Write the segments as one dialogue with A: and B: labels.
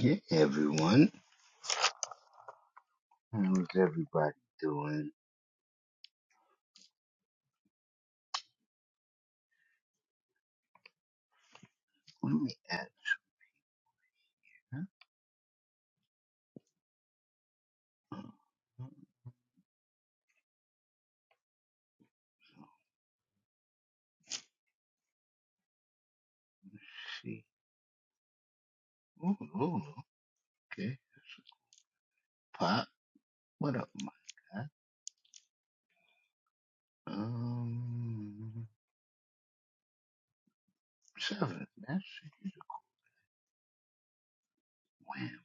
A: Hey everyone, how's everybody doing? Let me add. Huh? Let me see. Ooh, ooh, okay. Pop, what up, my guy? Um, seven. That's it. Wham.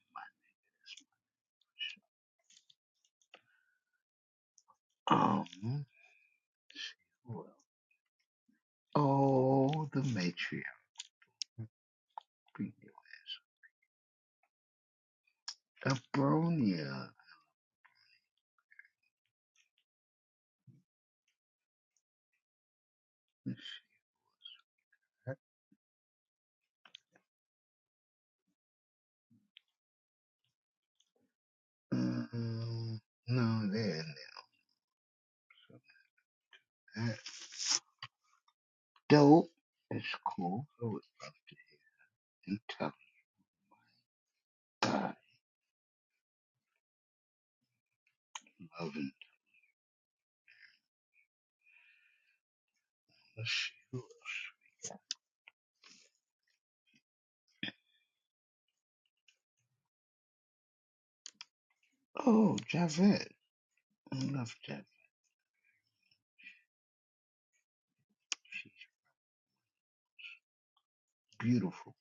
A: Um, who else? oh, the matriarch, Be there. Abronia. Let's see. Um, no, they're in there. That dope. It's cool. Oh, it's intelligent. God, loving. Let's see. Oh, Javette. I love that. Beautiful.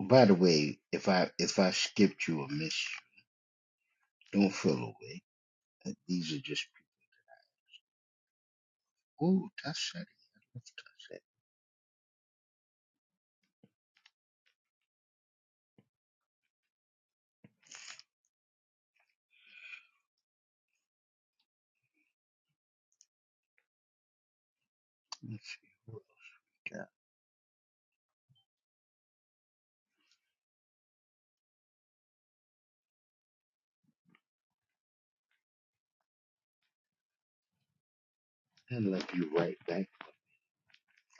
A: By the way, if I if I skipped you or missed you, don't feel away. Uh, These are just oh, that's it. I love that. Let's see what we got. I love you right back.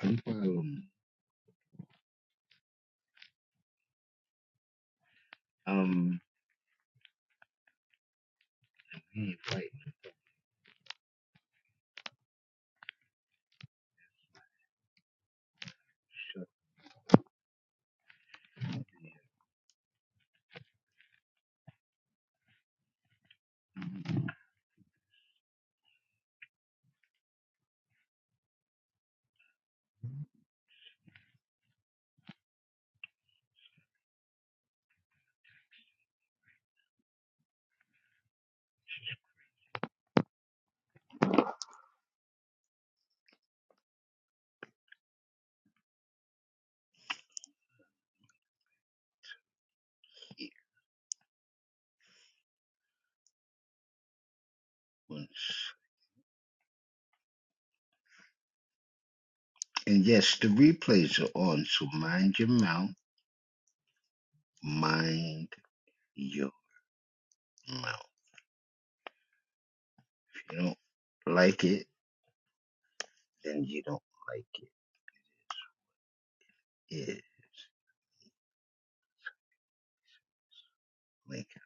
A: No problem. Um, he right up here. One sec. And yes, the replays are on, so mind your mouth. Mind your mouth. If you don't like it, then you don't like it. Yeah, like it.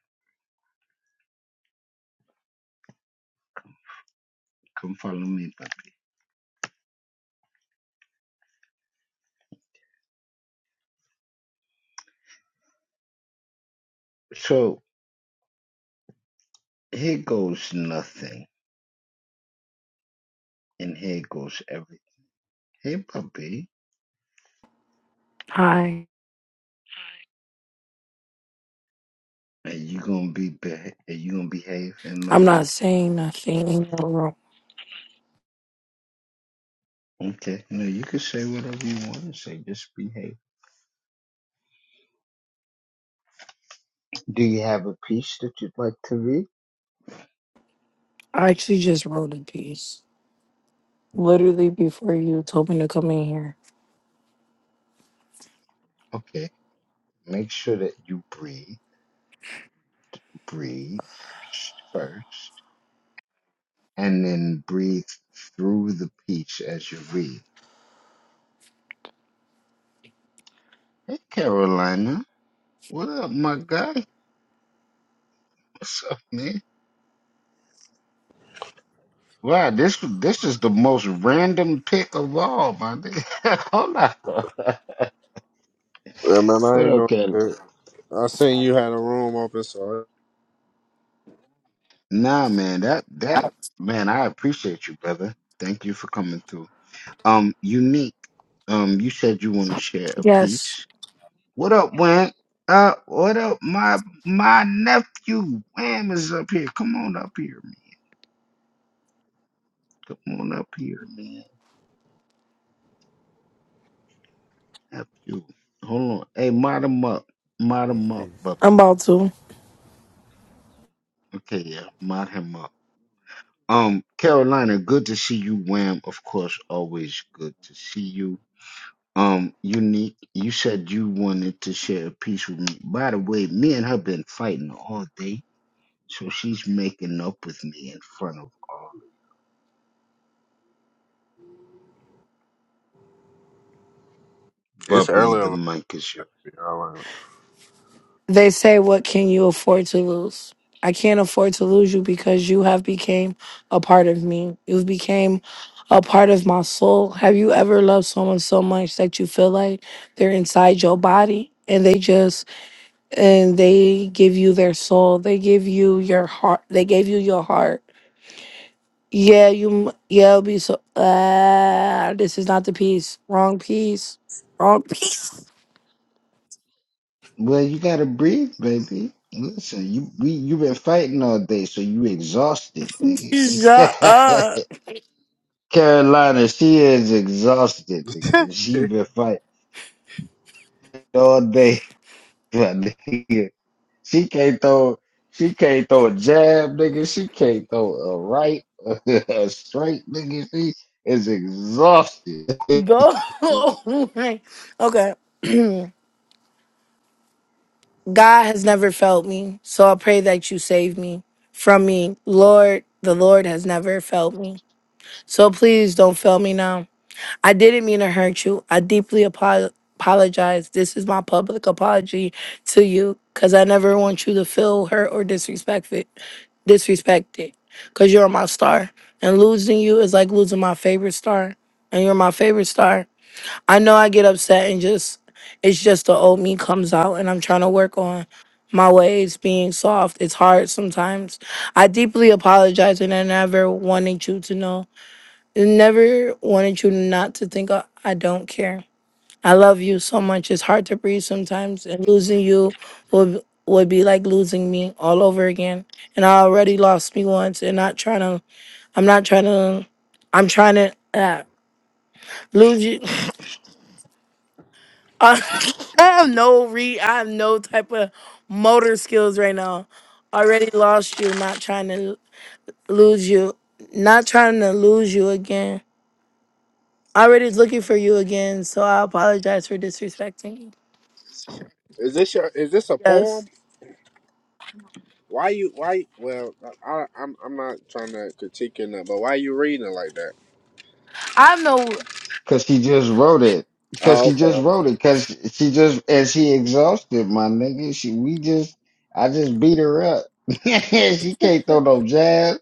A: come follow me, puppy. So. here goes nothing, and here goes everything. Hey, puppy,
B: Hi.
A: are you gonna be beha- are you gonna behave in my
B: I'm not
A: room?
B: saying nothing. in the room.
A: Okay, no, you can say whatever you want to say. Just behave. Do you have a piece that you'd like to read?
B: I actually just wrote a piece literally before you told me to come in here.
A: Okay, make sure that you breathe, breathe first, and then breathe through the piece as you read. Hey, Carolina, what up, my guy? What's up, man? Wow, this this is the most random pick of all, my nigga. Hold on.
C: Yeah, man, I
A: But
C: ain't doing
A: okay.
C: shit. I seen you had a room open, so
A: Nah, man, that that man, I appreciate you, brother. Thank you for coming through. Um, unique. Um, you said you want to share a
B: Yes,
A: piece. What up, Wham? Uh, what up, my my nephew Wham is up here. Come on up here, man. Come on up here, man. Nephew. Hold on. Hey, mod him up. Mod
D: Peace,
A: him up,
D: peace.
B: I'm
A: Buppy.
B: about to.
A: Okay, yeah, mod him up. Um, Carolina, good to see you. Wham, of course, always good to see you. Um, Unique, you said you wanted to share a piece with me. By the way, me and her been fighting all day, so she's making up with me in front of all. of
C: it's
A: Bubby,
C: early. I'm
A: the mic is yours.
C: all
B: They say, "What can you afford to lose?" I can't afford to lose you because you have became a part of me. You've became a part of my soul. Have you ever loved someone so much that you feel like they're inside your body and they just and they give you their soul. They give you your heart. They gave you your heart Yeah, you. m- Yeah, it'll be so. Uh, this is not the piece. Wrong piece. Wrong piece.
A: Well, you gotta breathe, baby. Listen, you we you been fighting all day, so you exhausted.
B: Shut
A: Nigga.
B: up.
A: Carolina, she is exhausted.
C: right.
A: Nigga. She been fighting all day. my nigga. She can't throw she can't throw a jab, nigga. She can't throw a right, a straight, nigga. She is exhausted.
B: Go. okay. God has never failed me, so I pray that you save me from me, Lord. The Lord has never failed me, so please don't fail me now. I didn't mean to hurt you. I deeply apo- apologize. This is my public apology to you because I never want you to feel hurt or disrespected. Disrespected because you're my star, and losing you is like losing my favorite star, and you're my favorite star. I know I get upset and just it's just the old me comes out, and I'm trying to work on my ways being soft. It's hard sometimes. I deeply apologize, and I never wanted you to know. Never wanted you not to think I I don't care. I love you so much. It's hard to breathe sometimes, and losing you would would be like losing me all over again. And I already lost me once, and not trying to. I'm not trying to. I'm trying to uh, lose you. I have no re. I have no type of motor skills right now. Already lost you. Not trying to lose you. Not trying to lose you again. I'm Already's looking for you again, so I apologize for disrespecting you.
C: is this your? Is this a
B: Yes.
C: poem? Why you? Why? Well, I, I'm I'm not trying to critique it, but why you reading it like that?
B: I'm no
A: Cause she just wrote it. Cause
C: Oh,
A: she just
C: okay.
A: wrote it. Cause she just and she exhausted my nigga. She we just I just beat her up. she can't throw no jab.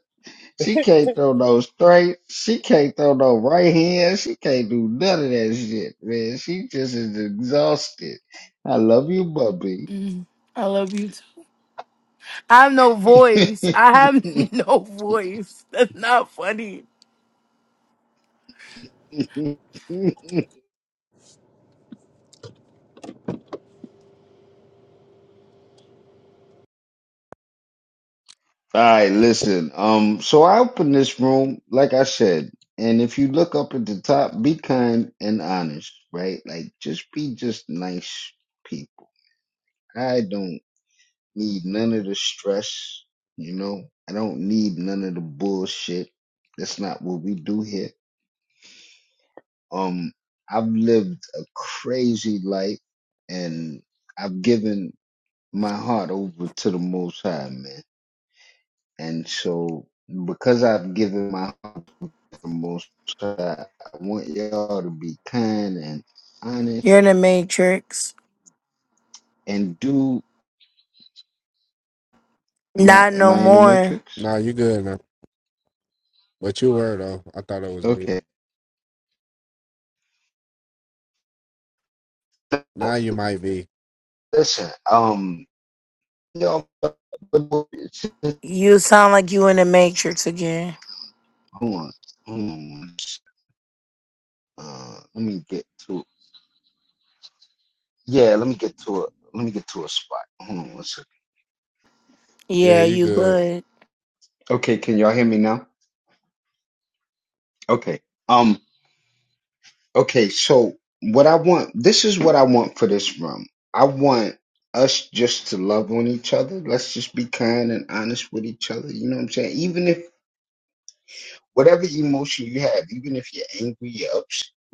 A: She can't throw no straight. She can't throw no right hand. She can't do none of that shit, man. She just is exhausted. I love you, Bubby.
B: Mm, I love you too. I have no voice. I have
A: All
B: no voice. That's not funny.
A: right, listen. Um, so I opened this room, like I said, and if you look up at the top, be kind and honest, right? Like just be just nice people. I don't need none of the stress, you know. I don't need none of the bullshit. That's not what we do here. Um, I've lived a crazy life and I've given my heart over to the most high, man. And so, because I've given my heart the most, uh, I want y'all to be kind and
B: You're
A: honest
B: in the matrix.
A: and do. Am I
B: Not
A: am
B: no
A: I in the
B: more.
A: matrix?
C: Nah, you good now. But you were though. I thought it was me.
A: Okay. So,
C: Now you might be.
A: Listen, um, y'all, hold on,
B: You sound like you in the matrix again.
A: hold on. Uh, let me get to. Yeah, let me get to a. Let me get to a spot. Hold on one second.
C: Yeah,
B: Yeah,
C: you
B: you
C: good.
B: good.
A: Okay, can y'all hear me now? Okay. Um, Okay, so what I want, this is what I want for this room. I want us just to love on each other. Let's just be kind and honest with each other. You know what I'm saying? Even if whatever emotion you have, even if you're angry, you're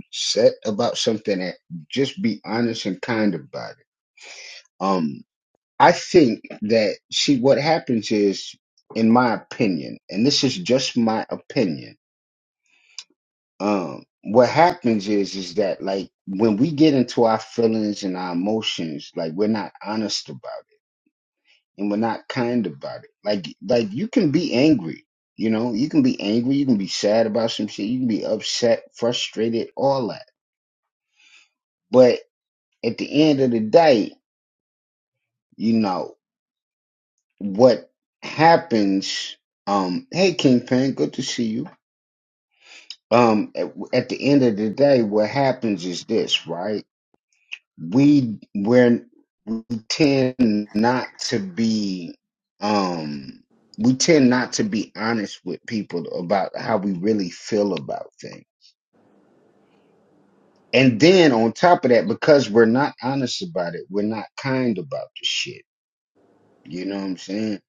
A: upset about something, that just be honest and kind about it. Um, I think that see what happens is, in my opinion, and this is just my opinion um what happens is is that like when we get into our feelings and our emotions like we're not honest about it and we're not kind about it like like you can be angry you know you can be angry you can be sad about some shit you can be upset frustrated all that but at the end of the day you know what happens um hey kingpin good to see you um at, at the end of the day what happens is this right we we're we tend not to be um we tend not to be honest with people about how we really feel about things. And then on top of that, because we're not honest about it, we're not kind about the shit. You know what I'm saying?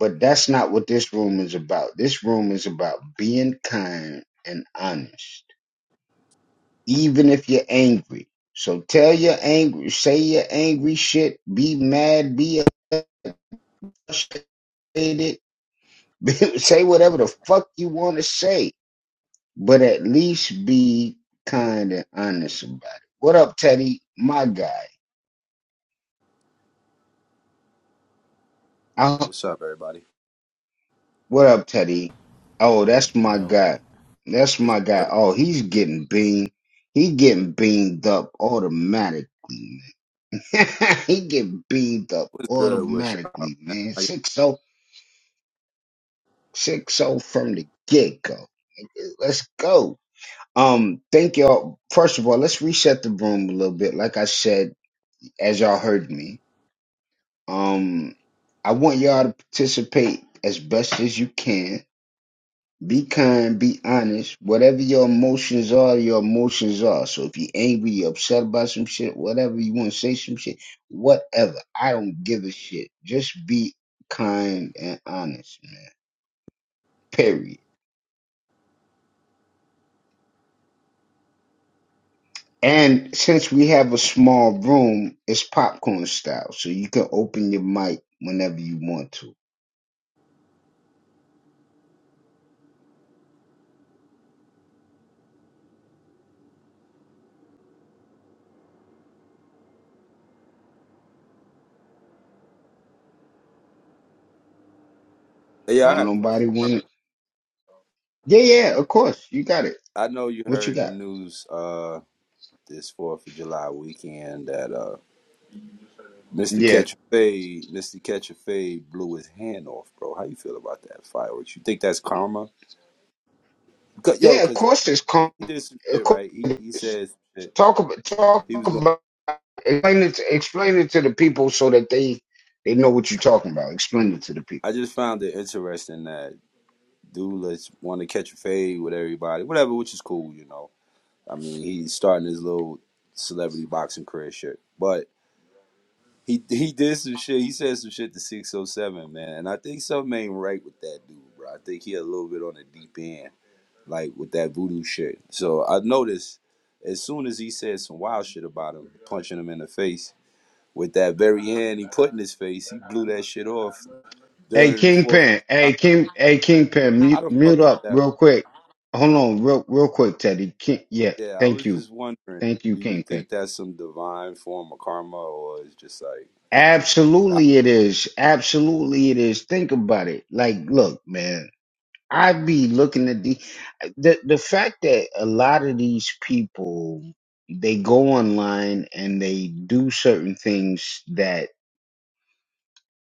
A: But that's not what this room is about. This room is about being kind and honest. Even if you're angry. So tell your angry say your angry shit, be mad, be a it. say whatever the fuck you want to say, but at least be kind and honest about it. What up, Teddy? My guy.
E: Hey,
A: I,
E: What's up, everybody?
A: what up, Teddy? Oh, that's my
D: Yo.
A: guy. That's
E: What's,
A: my guy. Oh, he's getting beamed. He getting beamed up automatically. Man. he getting beamed up
E: what's good with y'all,
A: automatically,
E: man?
A: man.
E: How y-
A: Six oh, six oh from the get go. Let's go. Um, thank y'all. First of all, let's reset the room a little bit. Like I said, as y'all heard me, um, I want y'all to participate as best as you can. Be kind, be honest. Whatever your emotions are, your emotions are. So if you're angry, you're upset about some shit, whatever you want to say, some shit, whatever. I don't give a shit. Just be kind and honest, man. Period. And since we have a small room, it's popcorn style, so you can open your mic whenever you want to.
E: Yeah, I
A: Don't
E: got a
A: nobody
E: question.
A: want it? Yeah, yeah, of course. You got it.
E: I know you
A: What you
E: heard the
A: got?
E: news uh this Fourth of July weekend that uh Mr.
A: Yeah,
E: Catch a Fade, Mr. Catch a Fade blew his hand off, bro. How you feel about that fireworks? You think that's karma? 'Cause- yo,
A: yeah. Of
E: cause
A: course, it's calm.
E: he, he did some
A: Of
E: shit,
A: course,
E: right? He
A: it
E: he
A: is.
E: said some shit.
A: talk about talk
E: He was going.
A: about explain it to, explain it to the people so that they they know what you're talking about. Explain it to the
E: I
A: people.
E: just found it interesting that dude let's want to catch a fade with everybody, whatever, which is cool, you know. I mean, he's starting his little celebrity boxing career shit, but He he did some shit. He said some shit to 607, man. And I think something ain't right with that dude, bro. I think he a little bit on the deep end, like with that voodoo shit. So I noticed as soon as he said some wild shit about him, punching him in the face with that very hand he put in his face, he blew that shit off
A: Hey,
E: during Fourth of
A: Kingpin.
E: July.
A: Hey, King. Hey, Kingpin.
E: How
A: Mute,
E: the
A: mute
E: fuck did
A: up
E: that?
A: real quick. Hold on, real real quick, Teddy. King, yeah,
E: Yeah, I
A: thank
E: was
A: you,
E: just wondering.
A: thank you,
E: Do you
A: Kingpin.
E: think that's some divine form of karma, or it's just like I,
A: Absolutely, it is. Absolutely, it is. Think about it. Like, look, man, I be looking at the the the fact that a lot of these people they go online and they do certain things that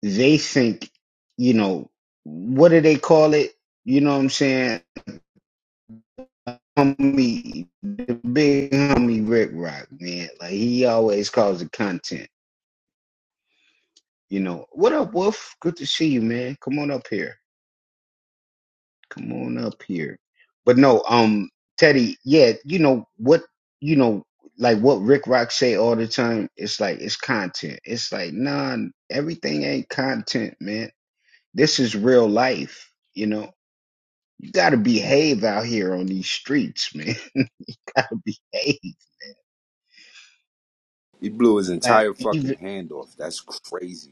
A: they think, you know, what do they call it? You know what I'm saying? Homie, the big homie Rick Rock, man. Like he always calls the content. You know, what up, Wolf? Good to see you, man. Come on up here. come on up here. But no, um, Teddy, yeah, you know what, you know, like what Rick Rock say all the time. It's like it's content. It's like nah, everything ain't content, man. This is real life. You know, you gotta behave out here on these streets, man. You gotta behave.
E: he blew his
A: Like
E: entire fucking
A: even
E: hand off? That's crazy.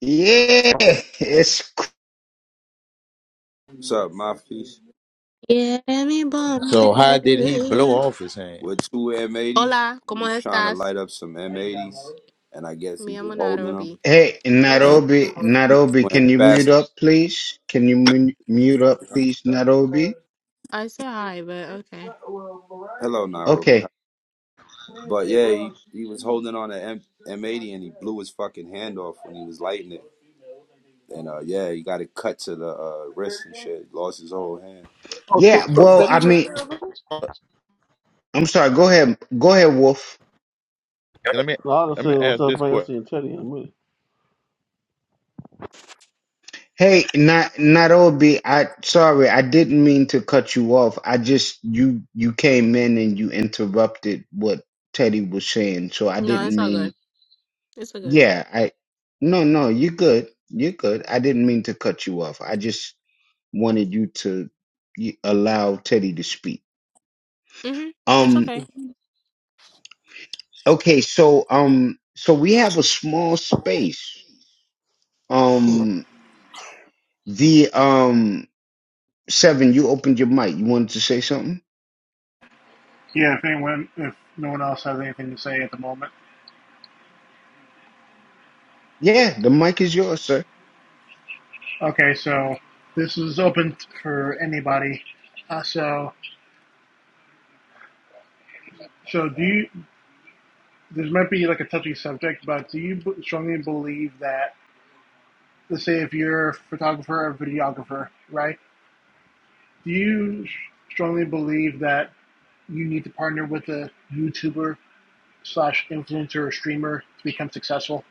A: yeah, it's cr-
E: What's up, Mafis?
F: Quiere mi
G: So how did he blow
F: bumper.
G: off his hand?
E: With two M80s,
F: Hola,
E: he
F: ¿cómo
E: was trying to
F: estás?
E: light up some M80s, and I guess
F: Me
E: he was
F: llamo
E: holding them,
F: Nairobi.
A: hey
E: and
A: Nairobi,
E: he
A: Nairobi.
E: went
A: Can you mute
E: faster.
A: up, please? Can you mu- mute up, please, Nairobi?
F: I said hi, but okay.
E: Hello, Nairobi.
A: Okay.
E: But yeah, he, he was holding on to M M80, and he blew his fucking hand off when he was lighting it. And uh, yeah, he got it cut to the uh, wrist and shit. Lost his whole hand.
H: Oh, shit,
A: Yeah,
H: what's
A: well,
H: up,
A: I
H: Teddy?
A: mean, I'm sorry. Go ahead, go ahead, Wolf.
G: And let me
H: No, I just
G: let me
H: say what's
G: ask
H: up,
G: this
H: man. I
G: question.
H: see Teddy in a minute.
A: Hey, not not Obi. I sorry, I didn't mean to cut you off. I just you you came in and you interrupted what Teddy was saying, so I
F: No, it's
A: didn't
F: all
A: mean.
F: good. It's all good.
A: Yeah, I no no, you're good. You're good. I didn't mean to cut you off. I just wanted you to y- allow Teddy to speak.
F: Mm-hmm. It's
A: Um.
F: okay.
A: Okay. So um. So we have a small space. Um. The um. Seven, you opened your mic. You wanted to say something?
I: Yeah, if anyone, if no one else has anything to say at the moment.
A: Yeah, the mic is yours, sir.
I: Okay, so this is open for anybody. Uh, so, so do you? This might be like a touchy subject, but do you strongly believe that, let's say, if you're a photographer or videographer, right? Do you strongly believe that you need to partner with a YouTuber slash influencer or streamer to become successful?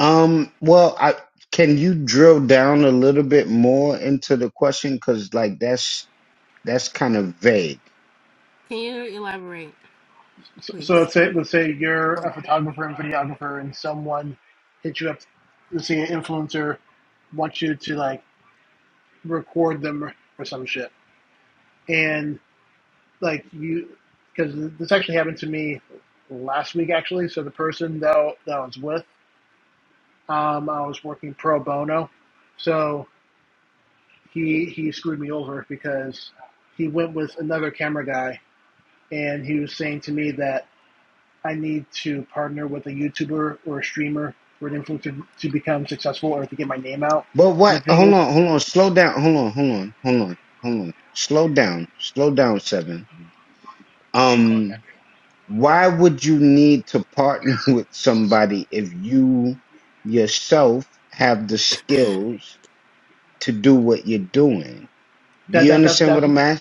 A: Um, well, I can you drill down a little bit more into the question because like that's that's kind of vague.
F: Can you elaborate,
I: So, so
F: please?
I: let's say let's say you're a photographer and videographer, and someone hits you up. Let's say an influencer wants you to like record them or, or some shit, and like you, because this actually happened to me last week actually. So the person that that I was with, um, I was working pro bono, so he he screwed me over because he went with another camera guy, and he was saying to me that I need to partner with a YouTuber or a streamer or an influencer to become successful or to get my name out.
A: But
I: And the
A: what?
I: thing
A: Hold
I: is,
A: on, hold on, slow down, hold on, hold on, hold on, hold on, slow down, slow down, seven.
I: I that
A: Um, why would you need to partner with somebody if you yourself have the skills to do what you're doing? Do you
I: that that that
A: understand what
I: that's
A: I'm asking?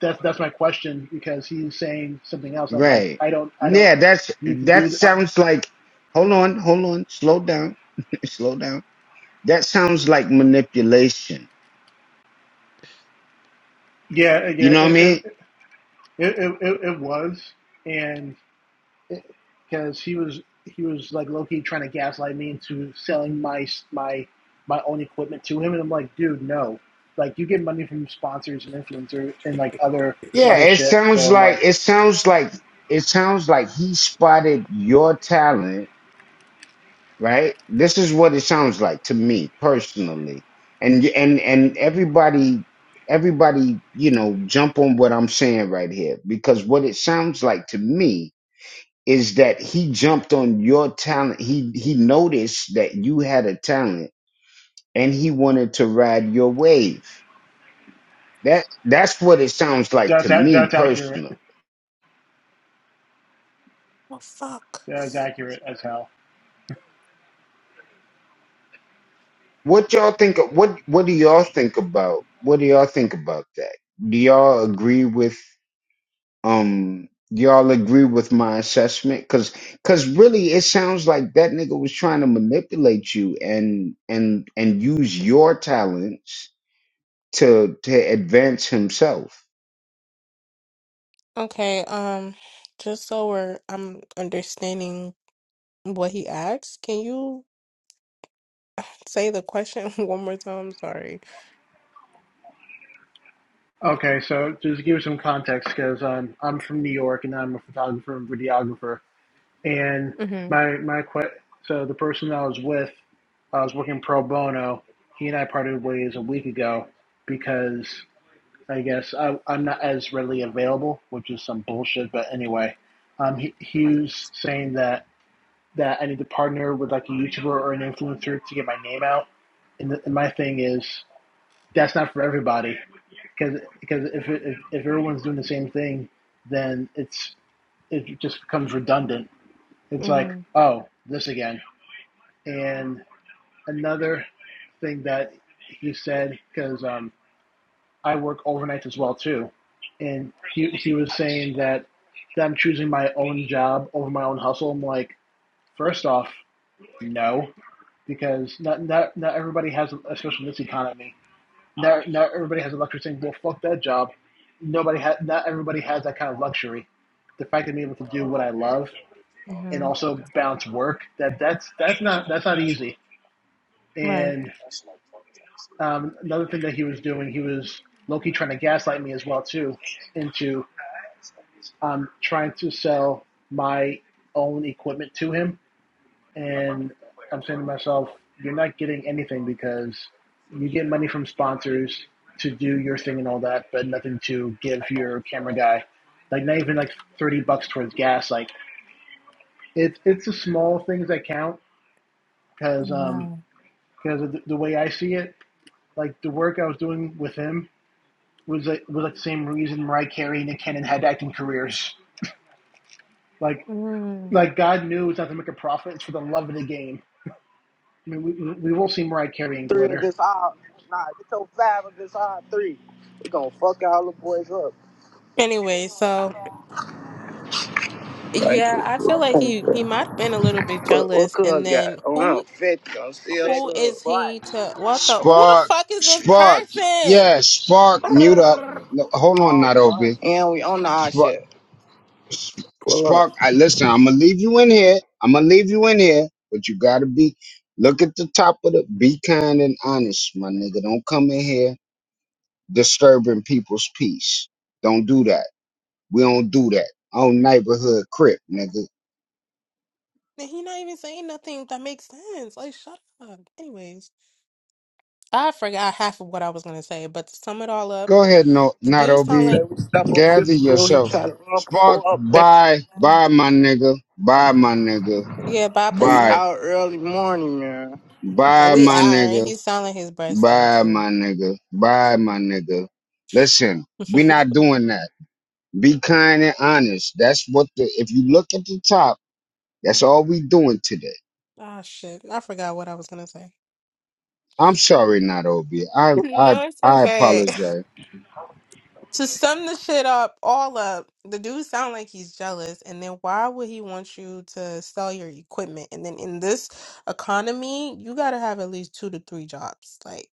I: that's that's my question because he's saying something else. I'm like,
A: Right.
I: I don't I don't
A: Yeah, that's
I: need to
A: that
I: do. That.
A: sounds like hold on, hold on, slow down. slow down. That sounds like manipulation.
I: Yeah, yeah,
A: You
I: it
A: know what I mean?
I: it, it it it it was, and because he was he was like low key trying to gaslight me into selling my my my own equipment to him, and I'm like, dude, no, like you get money from sponsors and influencers and like other
A: Yeah,
F: Okay.
I: other
A: it
I: shit. So
A: sounds
I: I'm
A: like
I: like,
A: it sounds like it sounds like he spotted your talent, right? This is what it sounds like to me personally. And and and everybody everybody, you know, jump on what I'm saying right here because what it sounds like to me is that he jumped on your talent. He he noticed that you had a talent and he wanted to ride your wave. That that's what it sounds like to
I: that's
A: me
I: that's accurate.
A: personally.
F: Oh, fuck.
I: That's accurate as hell.
A: What y'all think of, what what do y'all think about what do y'all think about that? Do y'all agree with um do y'all agree with my assessment cuz cuz really it sounds like that nigga was trying to manipulate you and and and use your talents to to advance himself.
F: Okay, um, just so we're I'm understanding what he asked, can you say the question one more time? I'm sorry.
I: Okay, so just to give you some context, because um, I'm from New York and I'm a photographer and videographer, and
F: Mm-hmm.
I: my my que- so the person I was with, I was working pro bono. He and I parted ways a week ago because I guess I, I'm not as readily available, which is some bullshit. But anyway, um, he, he was saying that that I need to partner with like a YouTuber or an influencer to get my name out. And, the, and my thing is that's not for everybody because because if, it- if if everyone's doing the same thing, then it's it just becomes redundant. It's like
F: Mm-hmm.
I: oh this again. And another thing that he said because um. I work overnights as well too, and he he was saying that, that I'm choosing my own job over my own hustle. I'm like, first off, no, because not not not everybody has, especially in this economy, not not everybody has a luxury saying, well, fuck that job. Nobody has not everybody has that kind of luxury. The fact that I'm able to do what I love and
F: Mm-hmm.
I: also balance work that that's that's not that's not easy.
F: Right.
I: And um, another thing that he was doing, he was Loki trying to gaslight me as well too into I'm trying to sell my own equipment to him, and I'm saying to myself, "You're not getting anything because you get money from sponsors to do your thing and all that, but nothing to give your camera guy. Like not even like thirty bucks towards gas. Like it's it's the small things that count because um
F: Right.
I: because of the, the way I see it, like the work I was doing with him was like was like the same reason Mariah Carey and Nick Cannon had acting careers. Like
F: Mm.
I: Like God knew it's not to make a profit; it's for the love of the game. I mean, we, we will see Mariah Carey and
J: three
I: glitter.
J: against our nah, get your five against our three. We gonna fuck all the boys up.
F: Anyway, so
J: Thank
F: Yeah,
J: you.
F: I feel like
J: Thank
F: he he
J: you.
F: might have been a little bit
J: But what
F: jealous. And
J: cuz got?
F: then
J: Oh
F: who
J: no, fifty. I'm still
F: who
J: so
F: is
J: body.
F: he to what the who the
A: Spark,
F: fuck is this
A: Spark,
F: person?
A: yeah, Spark, mute up. No, hold on,
J: All body.
A: Nairobi.
J: And we on our
A: Spark,
J: shit.
A: Sp-
J: Pull up.
A: Spark. I listen. I'm gonna leave you in here. I'm gonna leave you in here, but you gotta be. Look at the top of the. Be kind and honest, my nigga. Don't come in here disturbing people's peace. Don't do that. We don't do that. Oh, neighborhood crip, nigga.
F: And he not even saying nothing that makes sense. Like shut up. Anyways, I forgot half of what I was gonna say, but to sum it all up,
A: Go ahead, no,
F: the dude
J: We
F: sound
A: Nairobi.
J: say
F: like
J: we stop on
A: Gather
J: fifth real, he
A: yourself.
J: try to run
A: Spark,
J: before up
A: bye,
F: mm,
A: bye, my nigga. Bye, my nigga.
F: yeah, bye
J: We
A: Bye.
F: pussy.
J: out early morning, man.
F: Uh,
A: Bye,
F: We
A: my
F: out, and
A: nigga.
F: he sound like his breast thing
A: Bye,
F: too.
A: my nigga. Bye, my nigga. Listen, we're not doing that. Be kind and honest. That's what the if you look at the top, that's all we doing today.
F: Ah shit, I forgot what I was gonna say.
A: I'm sorry, not Obi. I I
F: No, it's
A: I
F: okay.
A: apologize.
F: To sum the shit up, all up, the dude sound like he's jealous, and then why would he want you to sell your equipment? And then in this economy, you gotta have at least two to three jobs, like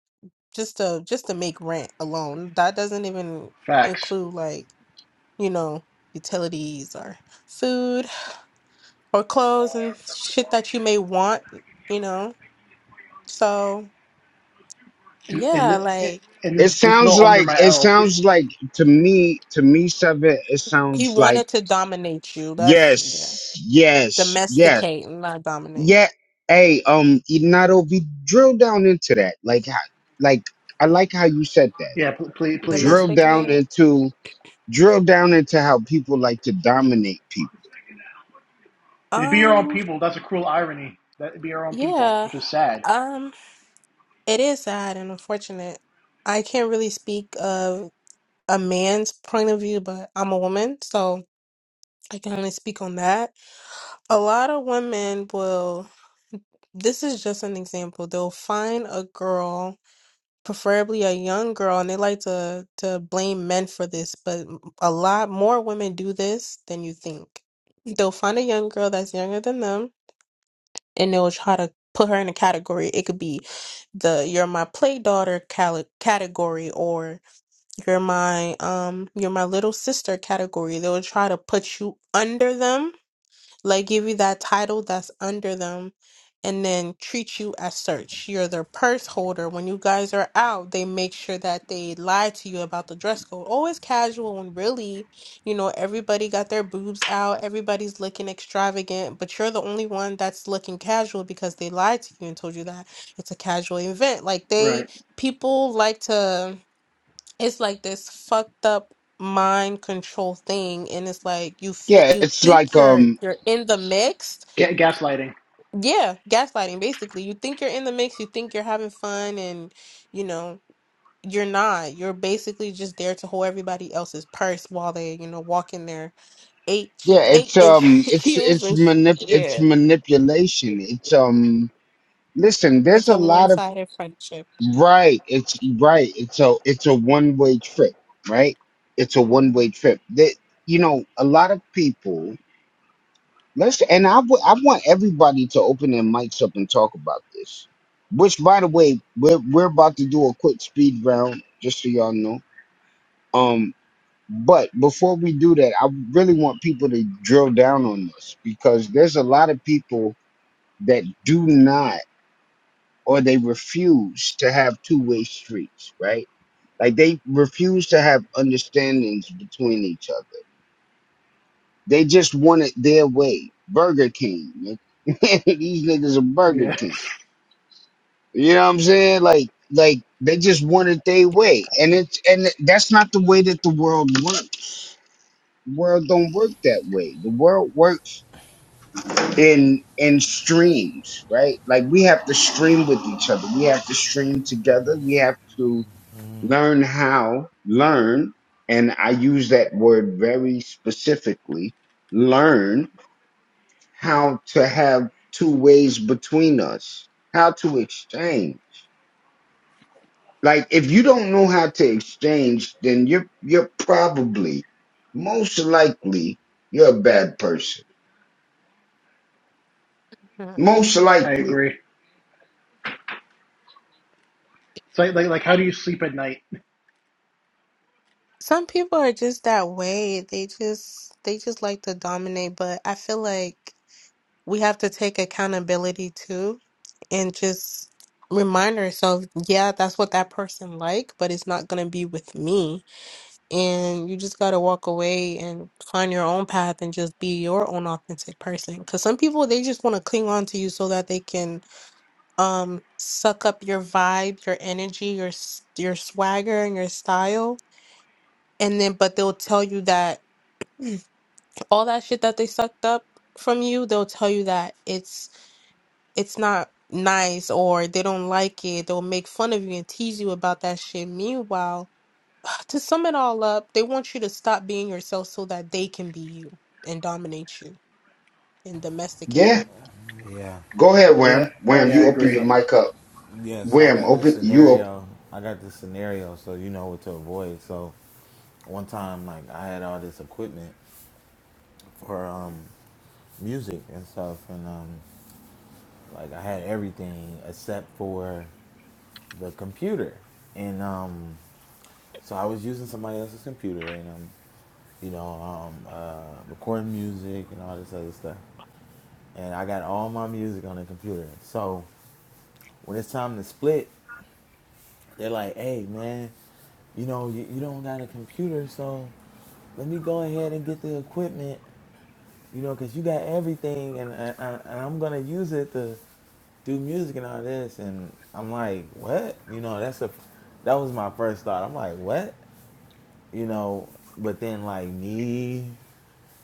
F: just to just to make rent alone. That doesn't even
I: Facts.
F: include like you know utilities or food or clothes and shit that you may want, you know. So
I: And
F: yeah,
I: and, thi-
F: like
I: and
A: It
I: this this is
A: sounds
I: all under my
A: like it
I: LLC.
A: sounds like to me to me seven. It
F: he
A: sounds like
F: wanted to dominate you. That's yeah,
A: yes, yes, yes.
F: domesticate, not dominate.
A: Yeah. Hey, um, Inato, we drill down into that. Like, how- like I like how you said that.
I: Yeah, please,
A: Drill
I: please.
A: down
F: Domesticating?
A: into drill down into how people like to dominate people.
I: And to be your own
F: Um,
I: people, that's a cruel irony. That be your own people,
F: yeah.
I: which is sad.
F: Um, it is sad and unfortunate. I can't really speak of a man's point of view, but I'm a woman, so I can only speak on that. A lot of women will, this is just an example, they'll find a girl, preferably a young girl, and they like to to blame men for this, but a lot more women do this than you think. They'll find a young girl that's younger than them. and they'll try to put her in a category. It could be the "You're my play daughter" cali- category, or "You're my um, you're my little sister" category. They'll try to put you under them like give you that title that's under them and then treat you as such. You're their purse holder. When you guys are out, they make sure that they lie to you about the dress code. Always casual and really, you know, everybody got their boobs out, everybody's looking extravagant, but you're the only one that's looking casual because they lied to you and told you that it's a casual event. Like they
I: Right.
F: people like to it's like this fucked up mind control thing and it's like you feel
A: Yeah,
F: you
A: it's
F: think
A: like
F: you're
A: um,
F: you're in the mix
A: it,
I: Ga- gaslighting.
F: yeah gaslighting basically you think you're in the mix you think you're having fun and you know you're not you're basically just there to hold everybody else's purse while they you know walk in their eight
A: yeah,
F: eight
A: it's
F: inch
A: um, it's
F: heels
A: it's
F: and sh-
A: manip it's
F: yeah
A: manipulation. It's um, listen, there's
F: it's
A: a
F: a
A: lot of
F: one-sided friendship
A: right. It's right. It's a it's a one way trip, right? It's a one
F: Mhm.
A: way trip. That you know, a lot of people. Let's and I wa- I want everybody to open their mics up and talk about this. Which, by the way, we're we're about to do a quick speed round, just so y'all know. Um, but before we do that, I really want people to drill down on this because there's a lot of people that do not or they refuse to have two-way streets, right? Like they refuse to have understandings between each other. They just want it their way. Burger King, these niggas are Burger
I: Yeah,
A: King. You know what I'm saying? Like like they just want it their way. And it's and that's not the way that the world works. The world don't work that way. The world works in in streams, right? Like we have to stream with each other. We have to stream together. We have to learn how, learn, and I use that word very specifically, learn how to have two ways between us, how to exchange. Like if you don't know how to exchange, then you're you're probably most likely you're a bad person. Most
I: I
A: likely.
I: agree. It's like, like like how do you sleep at night?
F: some people are just that way they just they just like to dominate but i feel like we have to take accountability too and just remind ourselves, yeah, that's what that person like, but it's not going to be with me. And you just got to walk away and find your own path and just be your own authentic person. Cuz some people they just want to cling on to you so that they can um suck up your vibe, your energy, your s- your swagger and your style. And then but they'll tell you that all that shit that they sucked up from you, they'll tell you that it's it's not nice or they don't like it, they'll make fun of you and tease you about that shit. Meanwhile, to sum it all up, they want you to stop being yourself so that they can be you and dominate you and domesticate
A: Yeah.
F: you.
D: Yeah.
A: Go ahead,
I: Yeah,
A: Wham.
I: I,
A: Wham,
I: I
A: you
D: So,
A: open
I: agree.
A: your
D: so,
A: mic up.
D: yeah. So I
A: Wham,
D: got this
A: open you up.
D: scenario. I got this scenario. So you know what to avoid. So one time, like I had all this equipment for um music and stuff, and um Like I had everything except for the computer, and um, so I was using somebody else's computer, and um, you know, um, uh, recording music and all this other stuff. And I got all my music on the computer. So when it's time to split, they're like, "Hey, man, you know, you, you don't got a computer, so let me go ahead and get the equipment you know, because you got everything, and, and, and I'm gonna use it to do music and all this. And I'm like, what? You know, that's a that was my first thought. I'm like, what? You know, but then like me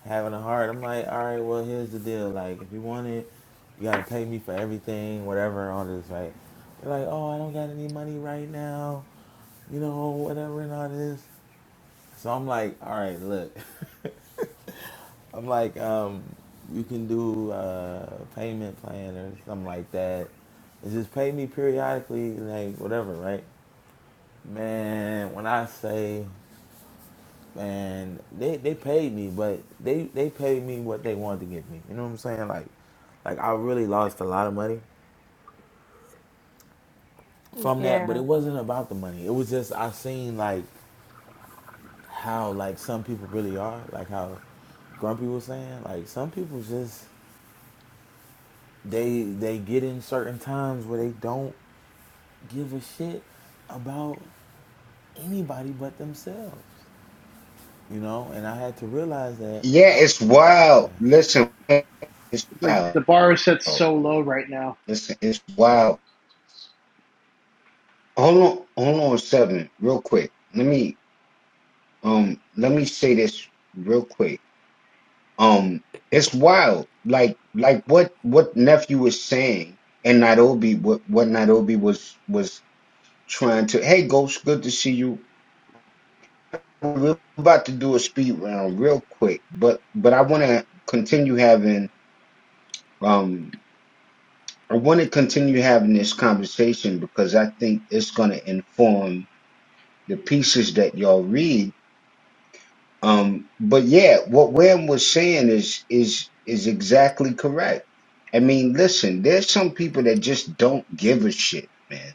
D: having a heart, I'm like, all right, well, here's the deal. Like, if you want it, you gotta pay me for everything, whatever, all this, right? They're like, oh, I don't got any money right now. You know, whatever and all this. So I'm like, all right, look. I'm like, um, you can do uh payment plan or something like that. And just pay me periodically, like whatever, right? Man, when I say, man, they, they paid me, but they they paid me what they wanted to give me. You know what I'm saying? Like, like I really lost a lot of money from that, but
F: Yeah.
D: it wasn't about the money. It was just I seen like how like some people really are, like how Grumpy was saying, like some people just they they get in certain times where they don't give a shit about anybody but themselves, you know. And I had to realize that.
A: Yeah, it's wild. Listen, it's
I: It's Like
A: wild.
I: the bar is set so low right now.
A: Listen, it's wild. Hold on, hold on, seven, real quick. Let me um let me say this real quick. Um, it's wild. Like like what what nephew was saying and Nairobi what what Nairobi was was trying to hey Ghost, good to see you. We're about to do a speed round real quick, but but I wanna continue having um I wanna continue having this conversation because I think it's gonna inform the pieces that y'all read Um, but yeah, what Wham was saying is is is exactly correct. I mean, listen, there's some people that just don't give a shit, man.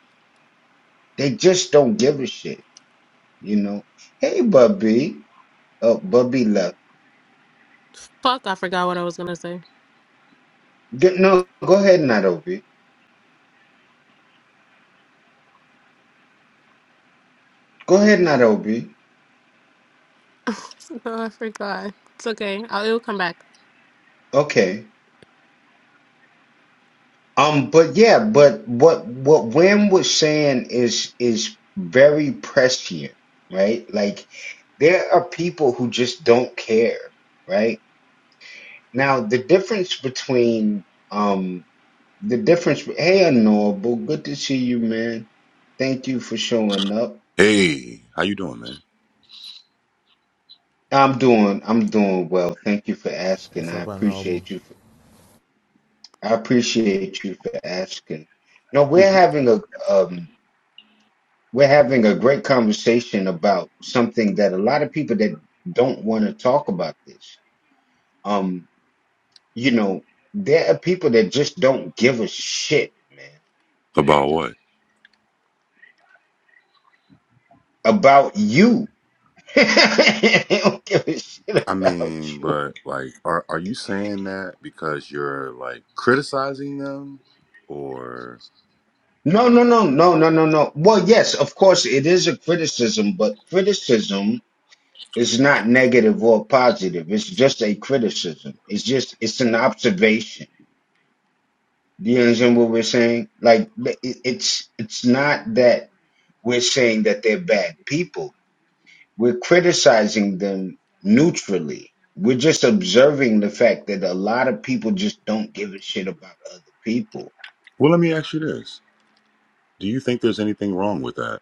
A: They just don't give a shit, you know. Hey, Bubby, oh, Bubby love.
F: Fuck, I forgot what I was gonna say.
A: G- No, go ahead, Nairobi. Go ahead, Nairobi.
F: no, I forgot. It's okay. I'll, it'll come back.
A: Okay. Um, but yeah, but what what Wham was saying is is very prescient, right? Like there are people who just don't care, right? Now, the difference between um the difference hey Honorable, good to see you, man. Thank you for showing up.
K: Hey, how you doing, man?
A: I'm doing I'm doing well. Thank you for asking.
D: What's
A: I
D: up, Unknowable?
A: appreciate you for, I appreciate you for asking. No, we're having a um we're having a great conversation about something that a lot of people that don't want to talk about this. Um, you know, there are people that just don't give a shit, man,
K: About what?
A: about you I don't give a shit
K: I
A: about
K: mean,
A: you.
K: but like, are are you saying that because you're like criticizing them, or?
A: No, no, no, no, no, no, no. Well, yes, of course, it is a criticism, but criticism is not negative or positive. It's just a criticism. It's just it's an observation. Do you understand what we're saying? Like it- it's it's not that we're saying that they're bad people. We're criticizing them neutrally. We're just observing the fact that a lot of people just don't give a shit about other people
K: Well, let me ask you this: Do you think there's anything wrong with that?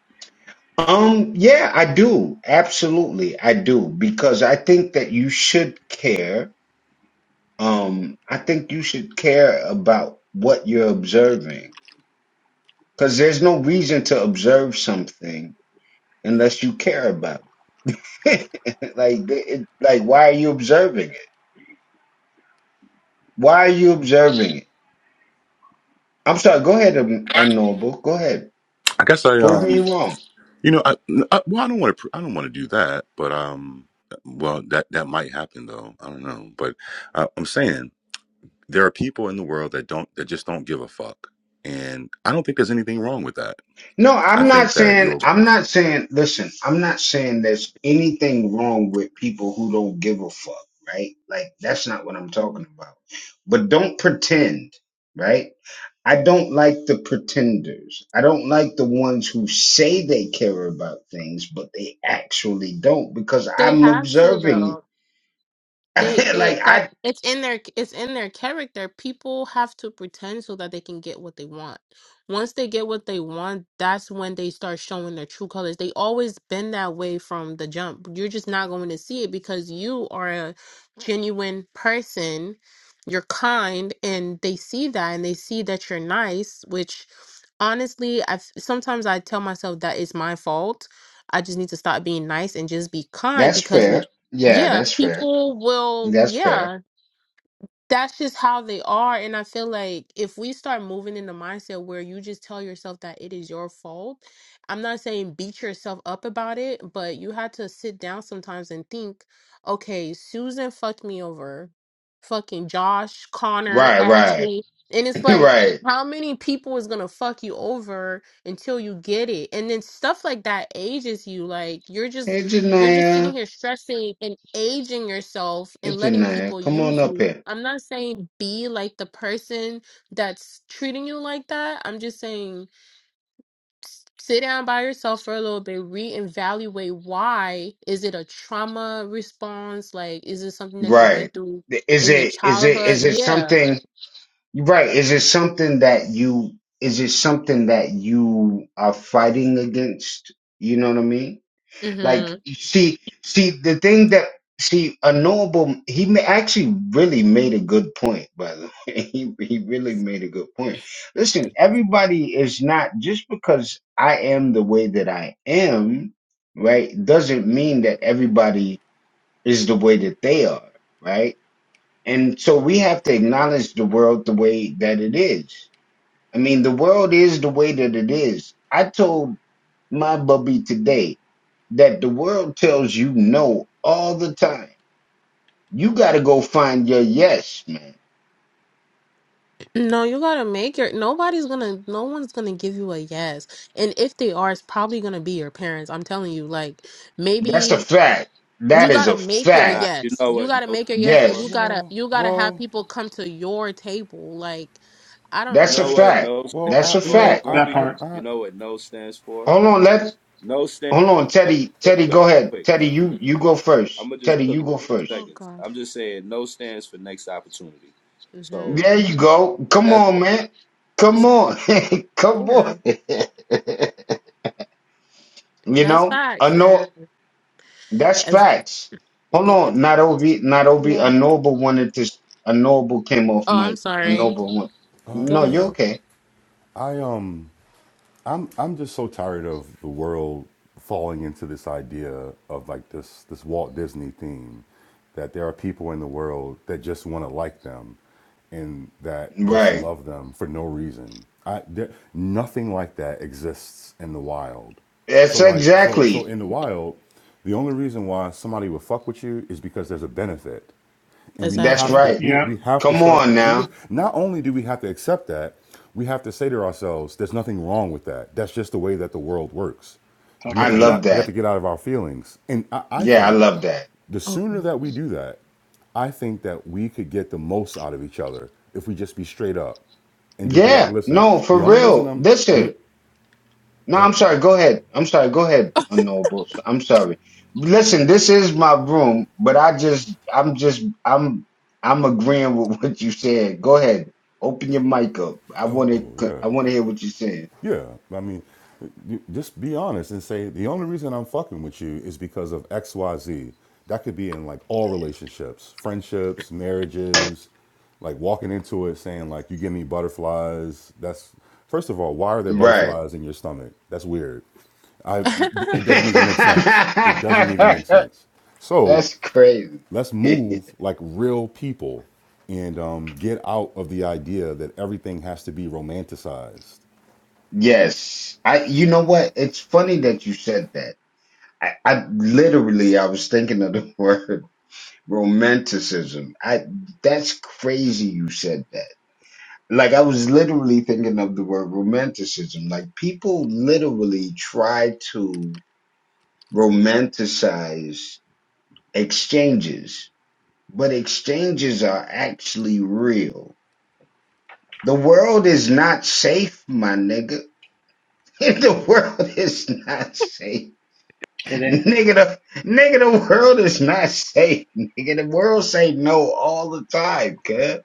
A: Um, yeah, I do. Absolutely. I do because I think that you should care. Um, I think you should care about what you're observing because there's no reason to observe something unless you care about it. like, th- it, like, why are you observing it? Why are you observing it? I'm sorry. Go ahead, Un- unknowable. Go ahead.
K: I guess I
A: Prove me
K: um,
A: wrong.
K: you know, I, I well, I don't want to, I don't want to do that, but um, well, that that might happen though. I don't know, but I, I'm saying there are people in the world that don't that just don't give a fuck, and I don't think there's anything wrong with that.
A: No,
K: I
A: I'm not
K: think that
A: saying,
K: you're
A: I'm not saying, listen, I'm not saying there's anything wrong with people who don't give a fuck, right? Like, that's not what I'm talking about. But don't pretend, right? I don't like the pretenders. I don't like the ones who say they care about things, but they actually don't because
F: They
A: I'm
F: have to though.
A: observing.
F: They they
A: like,
F: that
A: I,
F: it's in their it's in their character. People have to pretend so that they can get what they want. Once they get what they want, that's when they start showing their true colors. They always been that way from the jump. You're just not going to see it because you are a genuine person. You're kind and they see that and they see that you're nice, which honestly, I sometimes I tell myself that it's my fault. I just need to stop being nice and just be kind
A: that's
F: because
A: fair. Yeah,
F: yeah,
A: that's fair.
F: people will,
A: That's fair.
F: yeah, that's just how they are. And I feel like if we start moving in the mindset where you just tell yourself that it is your fault, I'm not saying beat yourself up about it, but you had to sit down sometimes and think, okay, Susan fucked me over, fucking Josh, Connor,
A: Right, right,
F: Ashley. And it's like,
A: right.
F: how many people is gonna fuck you over until you get it? And then stuff like that ages you. Like, you're just
A: Hey,
F: you're just sitting
A: Janaya.
F: here stressing and aging yourself
A: Hey,
F: and letting
A: Janaya,
F: people
A: come on
F: use
A: up
F: you.
A: here.
F: I'm not saying be like the person that's treating you like that. I'm just saying s- sit down by yourself for a little bit, reevaluate why. Is it a trauma response? Like, is it something that you
A: Right.
F: went through
A: Is
F: in your
A: it is it
F: childhood?
A: is it
F: Yeah.
A: something right, is it something that you is it something that you are fighting against? You know what I mean? Like
F: Mm-hmm.
A: see see the thing that see a knowable he ma- actually really made a good point by the way he, he really made a good point listen everybody is not just because i am the way that i am right doesn't mean that everybody is the way that they are, right? And so we have to acknowledge the world the way that it is. I mean, the world is the way that it is. I told my bubby today that the world tells you no all the time. You got to go find your yes, man.
F: No, you gotta make your. Nobody's gonna. No one's gonna give you a yes, and if they are, it's probably gonna be your parents. I'm telling you, like
A: That's
F: maybe
A: a fact.
F: you
A: That is
F: gotta
A: a
F: make your
E: Nah,
A: fact.
E: you
F: yes
E: know
F: you
E: what
F: gotta
E: no stands
F: make your yes and you
E: for?
A: Yes,
F: gotta
K: Whoa,
F: you gotta have
K: whoa.
F: people come to your table like i don't
E: You
A: that's
F: i
A: a
E: know
F: don't know
E: what
A: fact.
E: no
K: Well,
E: stands
A: That's a
K: I you
E: for,
K: know,
A: fact.
K: I
I: That
E: Grumpy?
K: I,
I: part.
E: You
K: I
E: know what no stands for?
A: Hold on, let
E: No stand.
A: hold on,
E: No,
A: Teddy.
E: real
A: Teddy,
E: quick,
A: go ahead.
E: quick.
A: Teddy, you you go
E: I'm
A: first.
E: gonna just
A: Teddy,
E: cook
A: you
E: it
A: go
E: in
A: first.
E: two
F: oh
E: seconds.
F: god
E: I'm just saying no stands for next opportunity. So
F: hmm
A: There you go.
E: that,
A: Come
E: that's
A: on, man. Come
E: this.
A: on. Come
F: yeah
A: on. you
F: that's
A: know, a
F: facts and
A: anno- that's
F: as
A: facts. Hold
F: yeah
A: on. Not Obi, not Obi. A
F: yeah.
A: noble wanted to, a noble came off
F: oh i'm
A: mic. A
F: sorry
A: noble one.
K: uh
F: go
A: No, you're
K: yeah.
F: ahead
A: okay.
K: I um I'm I'm just so tired of the world falling into this idea of like this this Walt Disney theme that there are people in the world that just want to like them and that just
A: Right.
K: love them for no reason. I there nothing like that exists in the wild.
A: That's
K: So like so so
A: exactly.
K: in the wild, the only reason why somebody would fuck with you is because there's a benefit. and we
A: That's
K: have
F: exactly
K: to
A: right.
K: we,
I: Yep.
K: we have to
A: Come
K: start
A: on
K: and
A: now.
K: not only do we have to accept that we have to say to ourselves there's nothing wrong with that that's just the way that the world works
I: Talk
K: we
A: I
K: have
I: your
K: to get
I: shit.
A: love
K: out we have to
A: that.
K: get out of our feelings and i, I
A: Yeah, I
K: think
A: love that.
K: the
F: okay
K: sooner that we do that i think that we could get the most out of each other if we just be straight up and just be like
A: Yeah.
K: listen
A: No, for
K: the only reason
A: real.
K: i'm the
A: Listen. No,
K: well
A: I'm sorry. Go ahead. I'm sorry. Go ahead, Unknowables. I'm sorry. Listen, this is my room, but I just, I'm just, I'm, I'm agreeing with what you said. Go ahead. Open your mic up. I
K: oh
A: want to,
K: yeah
A: I want to hear what you're saying.
K: Yeah, I mean, you- just be honest and say the only reason I'm fucking with you is because of X, Y, Z. That could be in like all relationships, friendships, marriages. Like walking into it saying like you give me butterflies. That's first of all, why are there
A: Right.
K: butterflies in your stomach? That's weird. I it doesn't even make sense. It doesn't even make sense. So
A: That's crazy.
K: let's move like real people and um, get out of the idea that everything has to be romanticized
A: yes. I, you know what? It's funny that you said that. I, I literally, I was thinking of the word romanticism. I, that's crazy you said that Like I was literally thinking of the word romanticism. Like people literally try to romanticize exchanges, but exchanges are actually real. The world is not safe, my nigga. The world is not safe.
I: It ain't.
A: Nigga, the, nigga, the world is not safe. Nigga, the world say no all the time, cuz.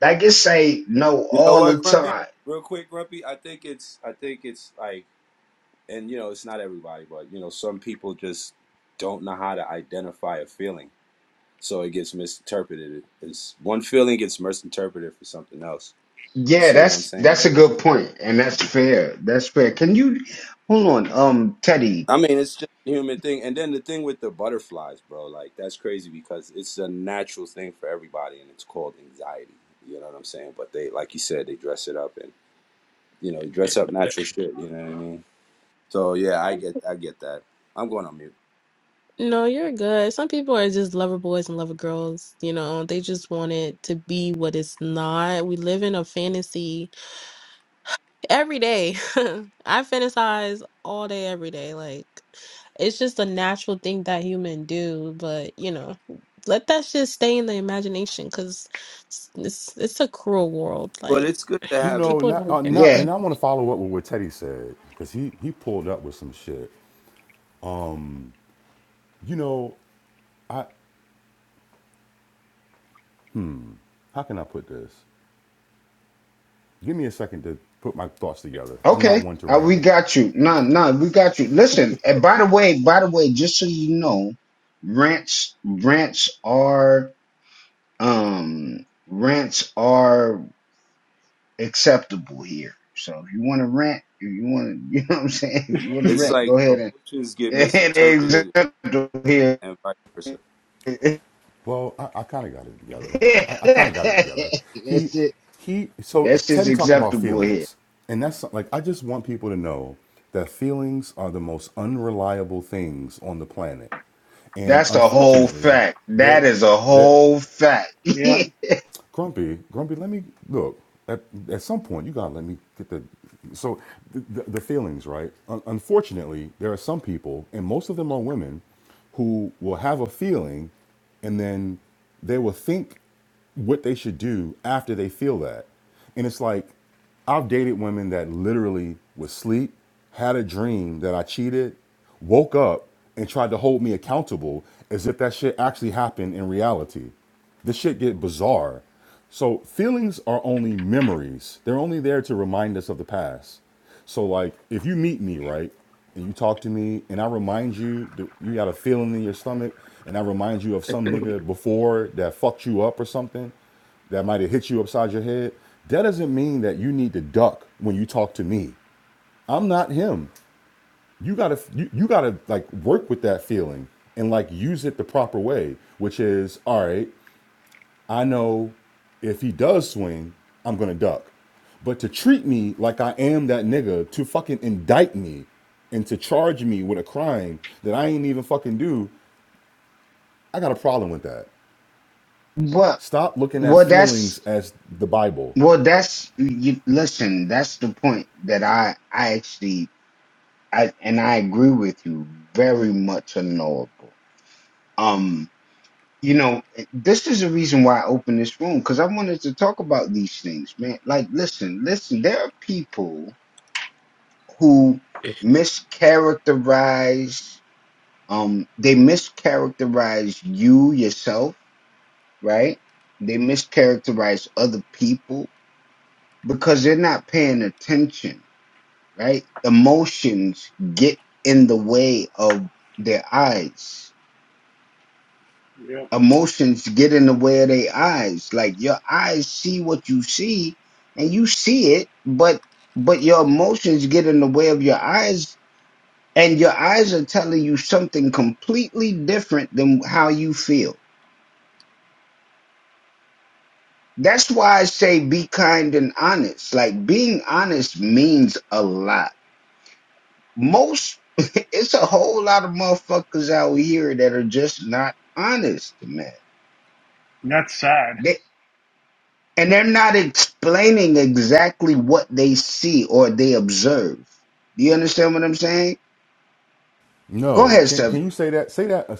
A: Like it say no
E: You know
A: all
E: what,
A: the
E: Grumpy?
A: time.
E: Real quick, Grumpy. I think it's I think it's like, and you know, it's not everybody, but you know, some people just don't know how to identify a feeling, so it gets misinterpreted. It's one feeling gets misinterpreted for something else. You
A: Yeah,
E: see what I'm
A: that's
E: saying?
A: that's a
E: Like you.
A: good point, and that's fair. That's fair. Can you hold on, um, Teddy?
E: I mean, it's just a human thing. And then the thing with the butterflies, bro, like that's crazy because it's a natural thing for everybody and it's called anxiety. You know what I'm saying? But they, like you said, they dress it up and, you know, dress up natural shit. You know what I mean? So yeah, I get, I get that. I'm going on mute.
F: no you're good some people are just lover boys and lover girls you know they just want it to be what it's not we live in a fantasy Every day. I fantasize all day, every day. Like, it's just a natural thing that human do, but you know, let that shit stay in the imagination because it's, it's it's a cruel world.
E: But
F: Like,
E: it's good to
K: You
E: have it.
K: know,
F: people
K: not,
F: don't
K: uh, not,
A: Yeah,
K: and I
F: care.
K: want to follow up with what Teddy said because he he pulled up with some shit. You know, how can I put this? Give me a second to put my thoughts together. I'm not
A: okay,
K: one to
A: uh, we
K: ramble.
A: got you. Nah, nah, we got you. Listen, and by the way, by the way, just so you know, rants rants are um rants are acceptable here. So if you want to rant, if you want to, you know what I'm saying, if you want to
E: It's
A: rant,
E: like
A: go ahead and
E: emotions get
A: and
E: misinterpreted
A: acceptable here.
E: and vice versa.
A: That's
K: Well, I, I kind of got it together. I, I kind of got it together. He
A: it.
K: he. So
A: That shit's
K: Teddy talked about
A: acceptable here.
K: feelings, and that's like I just want people to know that feelings are the most unreliable things on the planet, and
A: That's a whole
K: unfortunately,
A: fact.
K: they're
A: That is a
K: that
A: whole fact.
I: Yeah.
K: Grumpy, Grumpy, let me look. At, at some point, you gotta let me get the. So, the, the, the feelings, right? Un- unfortunately, there are some people, and most of them are women, who will have a feeling and then they will think what they should do after they feel that. And it's like, I've dated women that literally would sleep, had a dream that I cheated, woke up, and tried to hold me accountable as if that shit actually happened in reality. This shit get bizarre. So feelings are only memories. They're only there to remind us of the past. So like if you meet me, right? And you talk to me and I remind you you got a feeling in your stomach and I remind you of some nigga before that fucked you up or something that might have hit you upside your head. That doesn't mean that you need to duck when you talk to me. I'm not him. You gotta you, you gotta like work with that feeling and like use it the proper way, which is all right. I know if he does swing, I'm gonna duck. But to treat me like I am that nigga, to fucking indict me and to charge me with a crime that I ain't even fucking do, I got a problem with that.
A: but
K: Stop looking at
A: well,
K: feelings
A: that's
K: as the Bible.
A: well, that's you. Listen, that's the point that I I actually I and I agree with you very much. Unknowable. Um, you know, this is the reason why I opened this room because I wanted to talk about these things, man. Like, listen, listen. There are people who mischaracterize um they mischaracterize you yourself right they mischaracterize other people because they're not paying attention right emotions get in the way of their eyes
I: Yep.
A: emotions get in the way of their eyes like your eyes see what you see and you see it but but your emotions get in the way of your eyes and your eyes are telling you something completely different than how you feel That's why I say be kind and honest. Like being honest means a lot. Most, it's a whole lot of motherfuckers out here that are just not honest, man.
I: And that's sad.
A: They, and they're not explaining exactly what they see or they observe. Do you understand what I'm saying? Go
K: No,
A: ahead,
K: can
A: Seb.
K: can you say that? Say that uh,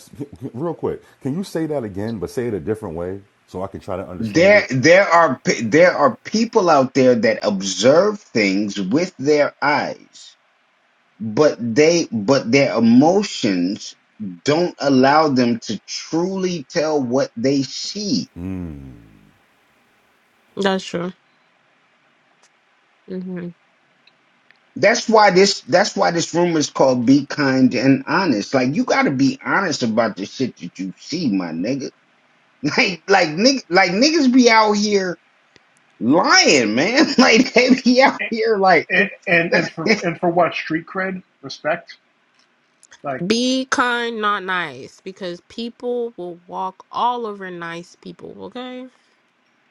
K: real quick. Can you say that again, but say it a different way so I can try to understand
A: There,
K: it?
A: there are pe- there are people out there that observe things with their eyes but they but their emotions don't allow them to truly tell what they see
K: Mm.
F: That's true. hmm
A: that's why this that's why this room is called be kind and honest like you got to be honest about the shit that you see my nigga like like nigg- like niggas be out here lying man like they be out here like
I: and and, and for and for what street cred respect like
F: Be kind, not nice, because people will walk all over nice people, okay?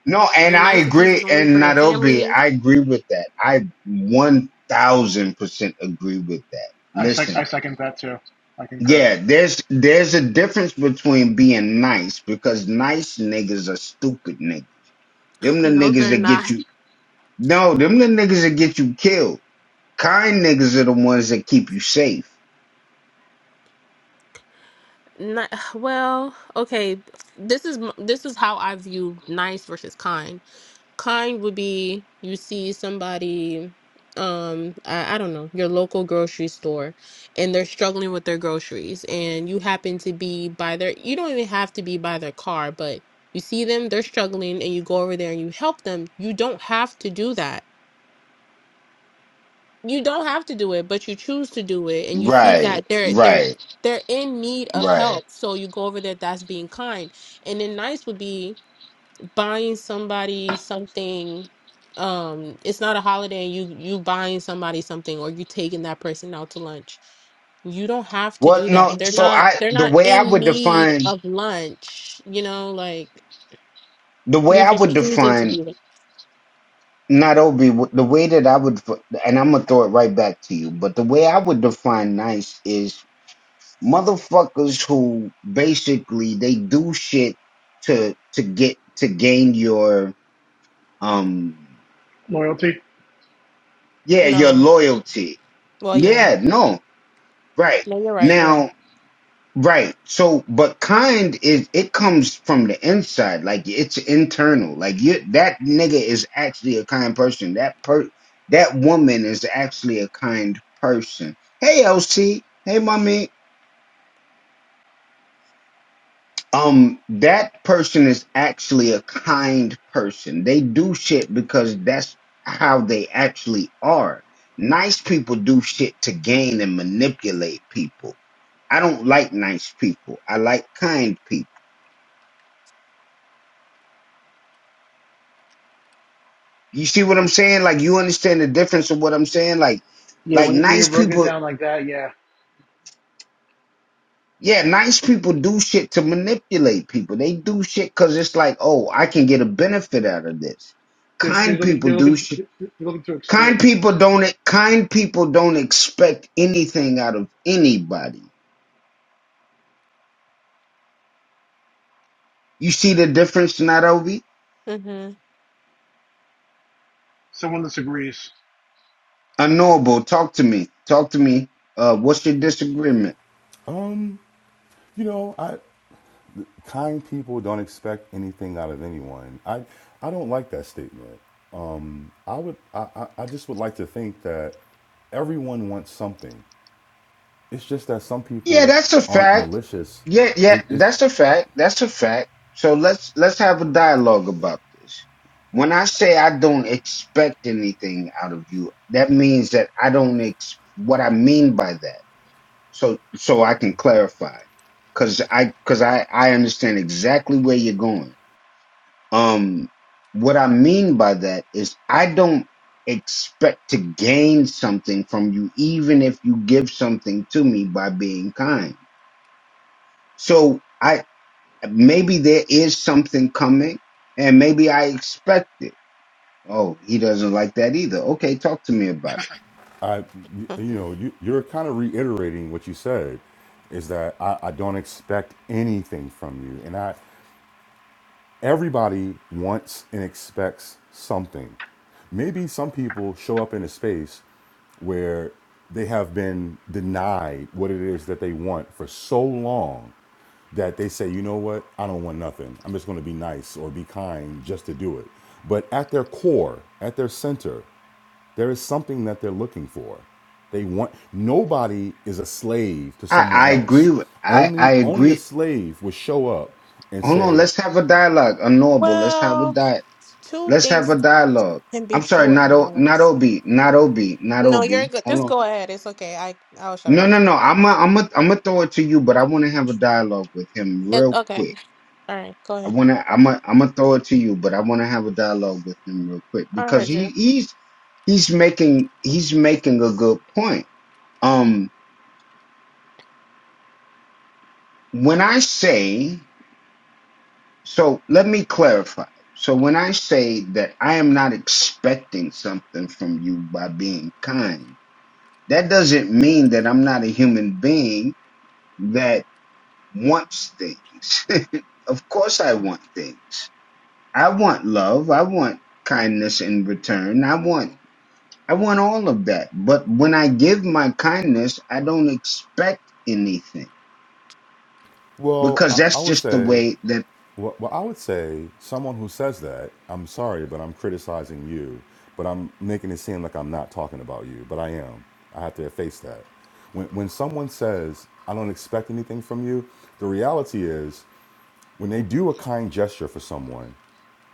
A: no and
F: Your
A: i
F: niceties
A: agree
F: is only
A: and
F: for your
A: nairobi
F: family.
A: i agree with that i 1000% agree with that
I: I sec- I
A: listen
I: second that too I concur
A: Yeah, there's there's a difference between being nice because nice niggas are stupid niggas. Them the
F: No,
A: niggas
F: they're
A: that
F: not.
A: get you no, them the niggas that get you killed. Kind niggas are the ones that keep you safe.
F: Not well, okay. This is m- this is how I view nice versus kind. Kind would be you see somebody, um, I, I don't know, your local grocery store, and they're struggling with their groceries, and you happen to be by their, you don't even have to be by their car, but you see them, they're struggling, and you go over there and you help them. You don't have to do that you don't have to do it, but you choose to do it, and you see
A: Right,
F: that they're they're
A: right,
F: they're in need of
A: right.
F: help. So you go over there. That's being kind, and then nice would be buying somebody something. Um, it's not a holiday, and you you buying somebody something, or you taking that person out to lunch. You don't have to
A: Well,
F: do that.
A: no,
F: They're
A: so
F: not
A: I
F: they're
A: the
F: not
A: way I
F: in
A: would
F: need
A: define
F: of lunch. You know, like
A: the way
F: you're
A: I
F: just
A: would
F: choosing to
A: define
F: be. there.
A: not Obi the way that I would and I'm gonna throw it right back to you, but the way I would define nice is motherfuckers who basically they do shit to to get to gain your um
I: loyalty
A: yeah your
F: No.
A: loyalty
F: Well, yeah.
A: yeah no right
F: No, you're right. You're right.
A: now right so but kind is it comes from the inside like it's internal like you that nigga is actually a kind person that per that woman is actually a kind person hey lc hey mommy um that person is actually a kind person they do shit because that's how they actually are nice people do shit to gain and manipulate people i don't like nice people i like kind people you see what i'm saying like you understand the difference of what i'm saying like
I: yeah
A: like
I: when when you
A: nice
I: broke it
A: people
I: down like that yeah
A: yeah nice people do shit to manipulate people they do shit because it's like oh i can get a benefit out of this
I: they're, they're
A: kind
I: looking
A: people
I: they're
A: do
I: looking
A: shit
I: they're looking to exploit
A: Kind
I: you
A: people don't kind people don't expect anything out of anybody. You see the difference, Nairobi?
F: Mm-hmm.
I: someone disagrees
A: Unknowable. Talk to me. Talk to me. Uh, what's your disagreement?
K: Um, you know, I kind people don't expect anything out of anyone. I I don't like that statement. I would I, I just would like to think that everyone wants something. It's just that some
A: Yeah,
K: people
A: that's a
K: aren't
A: fact.
K: malicious.
A: Yeah, yeah,
K: It, it's
A: that's a fact. That's a fact. So let's let's have a dialogue about this. When I say I don't expect anything out of you, that means that I don't ex- what I mean by that. so so I can clarify cuz I cuz I I understand exactly where you're going. Um what I mean by that is I don't expect to gain something from you even if you give something to me by being kind. So I maybe there is something coming and maybe I expect it. Oh, he doesn't like that either. Okay, talk to me about it.
K: I you know you you're kind of reiterating what you said is that I, I don't expect anything from you, and I everybody wants and expects something. Maybe some people show up in a space where they have been denied what it is that they want for so long that they say, you know what, I don't want nothing. I'm just going to be nice or be kind just to do it. But at their core, at their center, there is something that they're looking for. They want nobody is a slave to
A: I
K: someone
A: I agree
K: else.
A: with I I
K: Only only a
A: agree.
K: slave would show up and
A: Hold on,
K: say,
A: let's have a dialogue. honorable. let's have a
F: Well.
A: dialogue
F: two
A: Let's have
F: things
A: a dialogue.
F: can be
A: I'm sorry,
F: true at
A: not o, not
F: once.
A: ob, not ob, not
F: No,
A: ob.
F: you're good.
A: Hold
F: Just
A: on.
F: go ahead. It's okay. I I'll shut
A: No,
F: up.
A: no, no. I'm i I'm i am I'm gonna throw it to you, but I want to have a dialogue with him
F: It,
A: real
F: okay.
A: quick.
F: All right. Go
A: I
F: ahead.
A: want to. I'm i am i gonna throw it to you, but I want to have a dialogue with him real quick
F: I
A: because
F: heard
A: he
F: you.
A: he's he's making he's making a good point. Um, when I say so, let me clarify. So when I say that I am not expecting something from you by being kind That doesn't mean that I'm not a human being that wants things. of course, I want things. I want love. I want kindness in return. I want, I want all of that. But when I give my kindness, I don't expect anything
K: Well,
A: because
K: I, I
A: that's
K: would
A: just the
K: say,
A: way that,
K: well, well, I would say someone who says that, I'm sorry, but I'm criticizing you, but I'm making it seem like I'm not talking about you, but I am. I have to face that. When, when someone says, I don't expect anything from you, the reality is when they do a kind gesture for someone,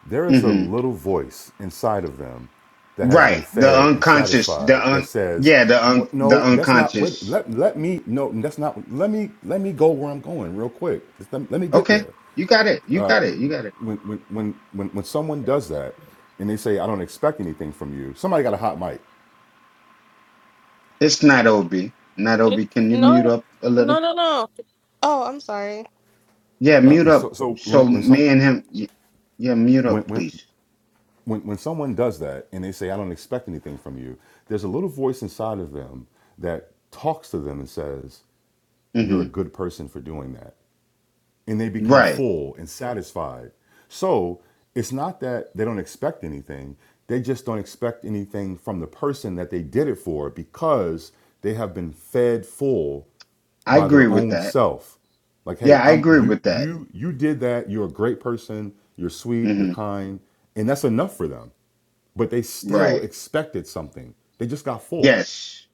K: there is a
A: mhm.
K: little voice inside of them that has been
A: right. The
K: fed and
A: unconscious, the
K: satisfied that
A: un,
K: says,
A: yeah, the un,
K: "What-
A: the
K: "No, that's not. Wait,
A: unconscious.
K: let let me no, that's not. Let me let me go where I'm going real quick. Just let, let me get
A: Okay.
K: there."
A: You got it. You got it. You got it.
K: When when when when when someone does that and they say, "I don't expect anything from you," somebody got a hot mic.
A: It's not OB. Not
F: It,
A: OB. Can you mute
F: no,
A: up a little?
F: no, no, no. Oh, I'm sorry.
A: Yeah,
K: Uh,
A: mute up.
K: so so when
A: So
K: when some
A: me and him. y- Yeah, mute
K: when
A: up,
K: when
A: please.
K: when, when someone does that and they say, I don't expect anything from you, there's a little voice inside of them that talks to them and says, You're a
A: hmm
K: good person for doing that and they become
A: Right.
K: full and satisfied. So it's not that they don't expect anything, they just don't expect anything from the person that they did it for because they have been fed full
A: I
K: by
A: agree
K: their
A: with
K: own
A: that.
K: self. Like, hey,
A: Yeah, I
K: I'm
A: agree
K: you
A: with that.
K: you you did that, you're a great person, you're sweet, you're
A: hmm
K: kind, and that's enough for them. But they still
A: Right.
K: expected something. They just got full.
A: Yes.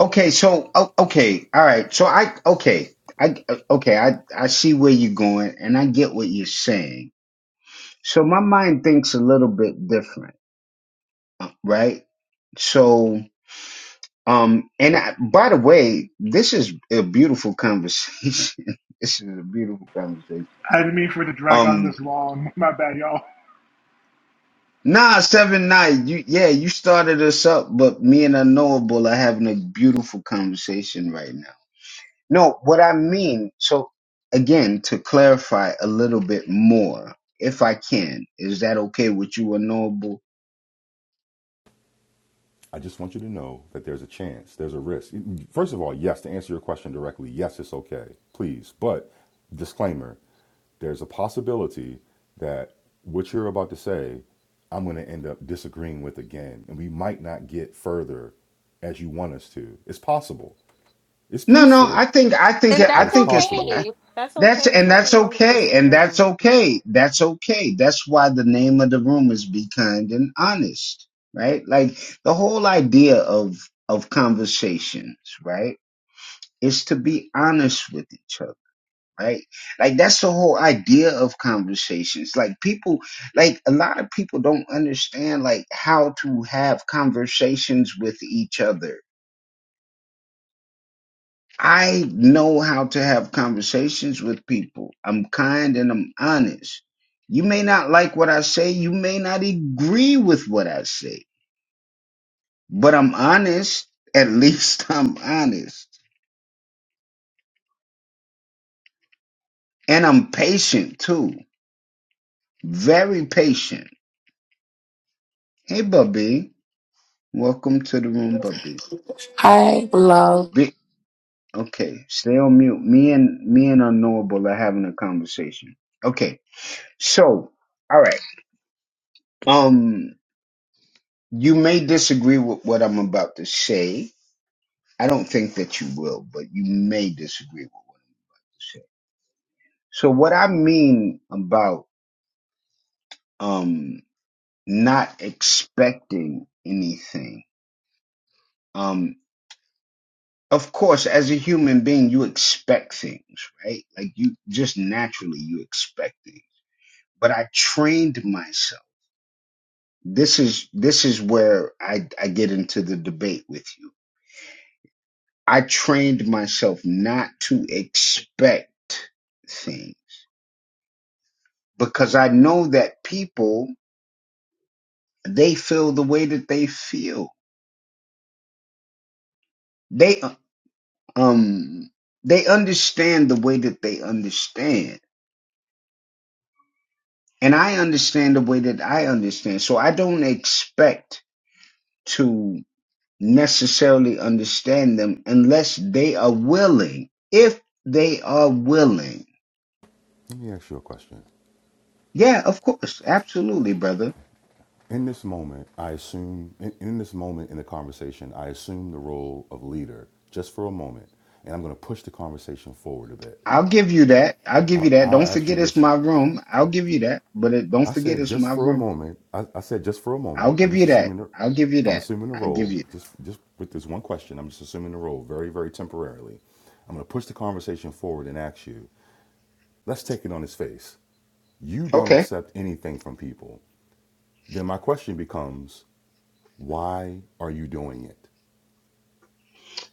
A: Okay. So o- okay. All right. So I okay. I okay. I I see where you're going, and I get what you're saying. So my mind thinks a little bit different, right? So um, and I, by the way, this is a beautiful conversation. this is a beautiful conversation.
I: I didn't mean for it to drag on
A: Um
I: this long my bad y'all
A: Nah, seven nine. You yeah, you started us up, but me and unknowable are having a beautiful conversation right now. No, what I mean, so again, to clarify a little bit more, if I can, is that okay with you, unknowable?
K: I just want you to know that there's a chance, there's a risk. First of all, yes, to answer your question directly, yes, it's okay, please. But disclaimer, there's a possibility that what you're about to say, I'm going to end up disagreeing with again. And we might not get further as you want us to. It's possible. It's
A: No, no,
K: peaceful,
A: I think I think
F: And
K: but
A: I
F: that's
K: it's
A: think it's
K: possible.
F: okay. That's
A: that's
F: okay. It's
A: and that's
F: nothing wrong with
A: okay, and that's
F: disagreeing.
A: okay, that's okay. That's why the name of the room is "Be Kind and Honest," right? Like the whole idea of of conversations, right? is to be honest with each other right like that's the whole idea of conversations like people like a lot of people don't understand like how to have conversations with each other i know how to have conversations with people i'm kind and i'm honest you may not like what i say you may not agree with what i say but i'm honest at least i'm honest and i'm patient too very patient Hey, Bubby. Welcome to the room, Bubby.
B: Hi, love.
A: Be- okay, stay on mute. Me and me and Unknowable are having a conversation. Okay, so all right. Um, you may disagree with what I'm about to say. I don't think that you will, but you may disagree with what I'm saying. So what I mean about um not expecting anything. um. of course, as a human being, you expect things, right? Like you just naturally you expect things. But I trained myself. This is this is where I, I get into the debate with you. I trained myself not to expect things because I know that people they feel the way that they feel. They uh, um they understand the way that they understand and I understand the way that I understand. So I don't expect to necessarily understand them unless they are willing. If they are willing.
K: Let me ask you a question.
A: Yeah, of course. Absolutely, brother.
K: In this moment, I assume, in, in this moment in the conversation, I assume the role of leader just for a moment, and I'm going to push the conversation forward a bit.
A: I'll give you that. I'll give
K: I,
A: you that.
K: I'll
A: Don't
K: ask you
A: forget it's
K: this.
A: my room. I'll give you that. But it, don't
K: I
A: forget
K: said
A: it's
K: just
A: my
K: for a
A: room.
K: moment. I, I said just for a
A: I'll
K: moment. I'm
A: give
K: just
A: you that.
K: assuming the,
A: I'll give you
K: I'm
A: that.
K: assuming the
A: I give
K: role.
A: you that.
K: Just, just with this one question, I'm just assuming the role very, very temporarily. I'm going to push the conversation forward and ask you. Let's take it on its face. You don't
A: Okay.
K: accept anything from people. Then my question becomes, why are you doing it?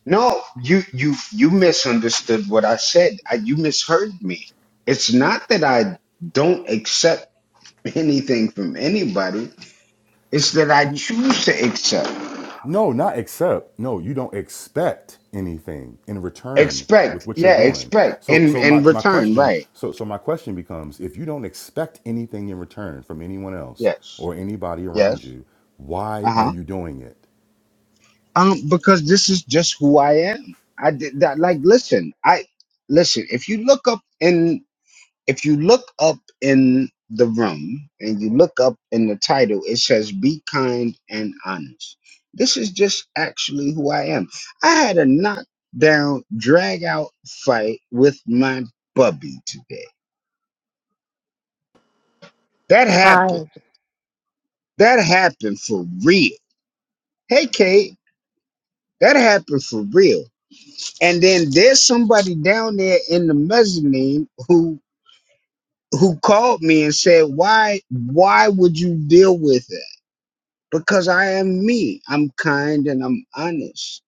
A: No, you you you misunderstood what I said. I, you misheard me. It's not that I don't accept anything from anybody. It's that I choose to accept,
K: No, not accept. No, you don't expect anything in return with
A: expect,
K: what you're
A: yeah,
K: doing.
A: expect
K: So
A: in
K: so my,
A: in
K: my
A: return,
K: question
A: right?
K: so so my question becomes if you don't expect anything in return from anyone else
A: Yes,
K: or anybody
A: yes,
K: around you, why
A: uh
K: are
A: huh.
K: you doing it?
A: Um, because this is just who I am. I did that. Like, listen, I listen. If you look up in If you look up in the room and you look up in the title, it says Be Kind and Honest. This is just actually who I am. I had a knockdown, drag out fight with my bubby today. That
B: Hi.
A: happened. That happened for real. Hey, Kate, that happened for real. And then there's somebody down there in the mezzanine who who called me and said, "Why, why would you deal with it?" because I am me. I'm kind and I'm honest.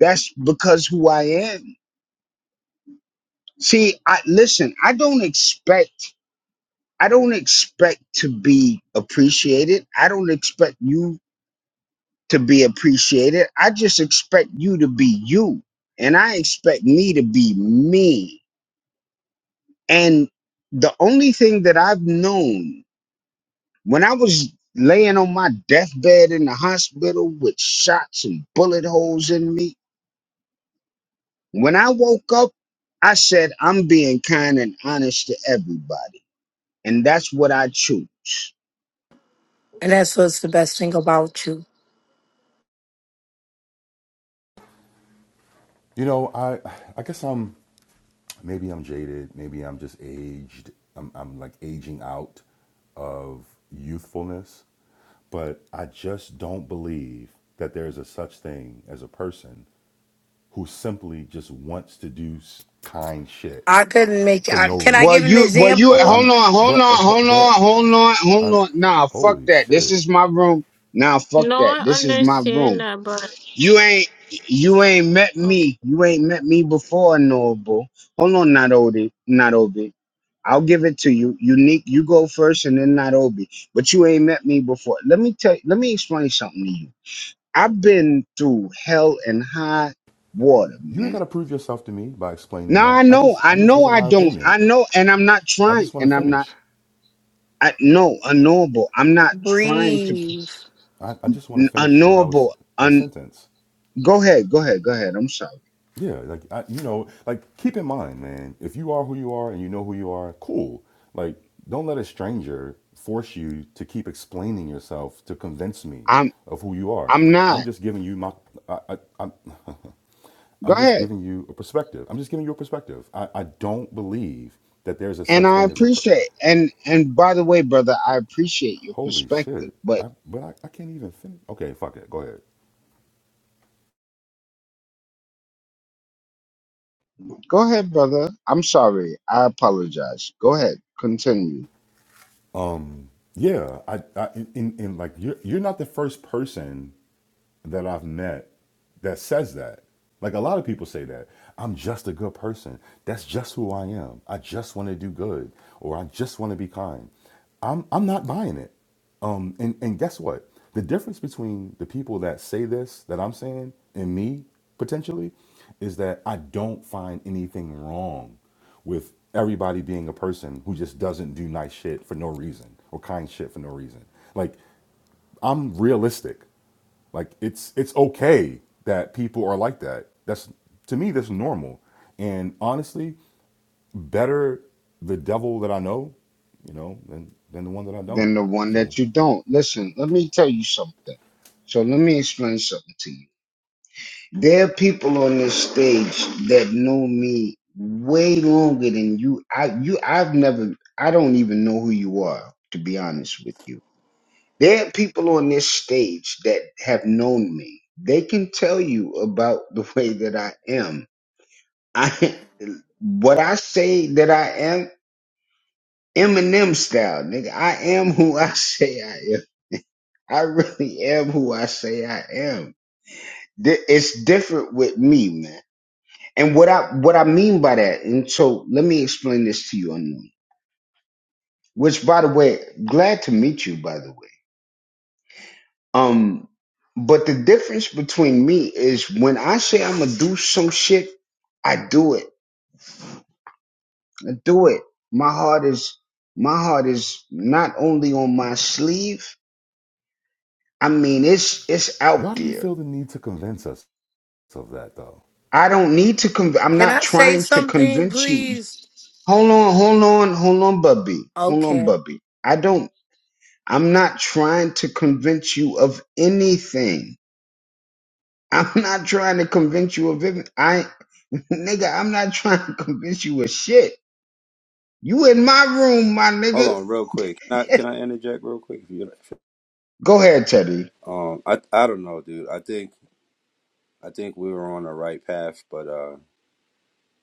A: That's because who I am. See, I listen, I don't expect I don't expect to be appreciated. I don't expect you to be appreciated. I just expect you to be you. And I expect me to be me. And the only thing that I've known when I was laying on my deathbed in the hospital with shots and bullet holes in me When I woke up, I said, I'm being kind and honest to everybody. And that's what I choose.
B: And that's what's the best thing about you.
K: You know, I I guess I'm maybe I'm jaded, maybe I'm just aged. I'm I'm like aging out of youthfulness, but I just don't believe that there is a such thing as a person who simply just wants to do kind shit
B: I couldn't make it.
K: for
B: I,
K: no
B: can I
A: Well,
B: give
K: reason.
B: an
A: you, well, you,
K: Like
B: example?
A: hold
K: I'm,
A: on, hold
K: but uh,
A: on, hold on,
K: but
A: hold on, hold
K: I'm,
A: on. Nah, fuck
K: holy
A: that. This
K: shit!
A: is my room. Nah, fuck
F: No,
A: that.
F: I
A: This is my
F: understand
A: room.
F: that, but
A: You ain't, you ain't met
F: okay.
A: me. You ain't met me before, Noble. Hold on, not Obi, not Obi. I'll give it to you. Unique, you go first, and then not Obi. But you ain't met me before. Let me tell. Let me explain something to you. I've been through hell and high water,
K: You ain't
A: man.
K: gotta prove yourself to me by explaining
A: Now I
K: that. I
A: know,
K: just
A: I
K: I'm just
A: know
K: giving
A: I
K: my
A: don't,
K: opinion.
A: I know, and I'm not
K: I
A: trying,
K: just want to
A: and I'm not,
K: finish.
A: I no, unknowable. I'm not trying to,
B: Breathe.
K: I, I just want to finish what I was
A: unknowable.
K: my
A: Un,
K: sentence.
A: go ahead, go ahead, go ahead. I'm sorry.
K: Yeah, like I, you know, like keep in mind, man, if you are who you are and you know who you are, cool. Like don't let a stranger force you to keep explaining yourself to convince me
A: I'm,
K: of who you are.
A: I'm
K: I'm
A: not.
K: just giving you my I, I, I'm
A: Go
K: I'm just
A: ahead.
K: giving you a perspective. I'm just giving you a perspective. I, I don't believe that there's a
A: And
K: such
A: I
K: thing as a per-
A: appreciate, and and by the way, brother, I appreciate your
K: holy shit.
A: perspective. But
K: I but I, I can't even finish. Okay, fuck it. Go ahead.
A: go ahead, brother. I'm sorry. I apologize. Go ahead. Continue.
K: Um yeah, I, I in, in like you're you're not the first person that I've met that says that. Like a lot of people say that. I'm just a good person. That's just who I am. I just want to do good or I just want to be kind. I'm I'm not buying it. Um and, and guess what? The difference between the people that say this that I'm saying and me potentially is that I don't find anything wrong with everybody being a person who just doesn't do nice shit for no reason or kind shit for no reason. Like I'm realistic. Like it's it's okay that people are like that. That's to me that's normal. And honestly, better the devil that I know, you know, than than the one that I don't.
A: than the one
K: So
A: that you don't. Listen, let me tell you something. So let me explain something to you. There are people on this stage that know me way longer than you. I you I've never I don't even know who you are, to be honest with you. There are people on this stage that have known me. They can tell you about the way that I am. I what I say that I am Eminem style, nigga. I am who I say I am. I really am who I say I am. Di- It's different with me, man. And what I what I mean by that, and so let me explain this to you, unknown. Which, by the way, glad to meet you. By the way, um, but the difference between me is when I say I'm gonna do some shit, I do it. I do it. My heart is my heart is not only on my sleeve. I mean, it's it's
K: why
A: out
K: do you
A: there.
K: feel the need to convince us of that though?
A: I don't need to. Conv- I'm
B: Can
A: not
B: I say
A: trying to
B: something,
A: convince you.
B: please?
A: Hold on, hold on, hold on, Bubby. Hold on,
B: Okay.
A: Bubby. I don't, I'm not trying to convince you of anything. I'm not trying to convince you of it. I, nigga, I'm not trying to convince you of shit. You in my room, my
E: Hold
A: nigga.
E: on, real quick. Can I, can I interject real quick? If you,
A: Go ahead, Teddy.
E: um, I, I don't know, dude. I think, I think we were on the right path, but, uh,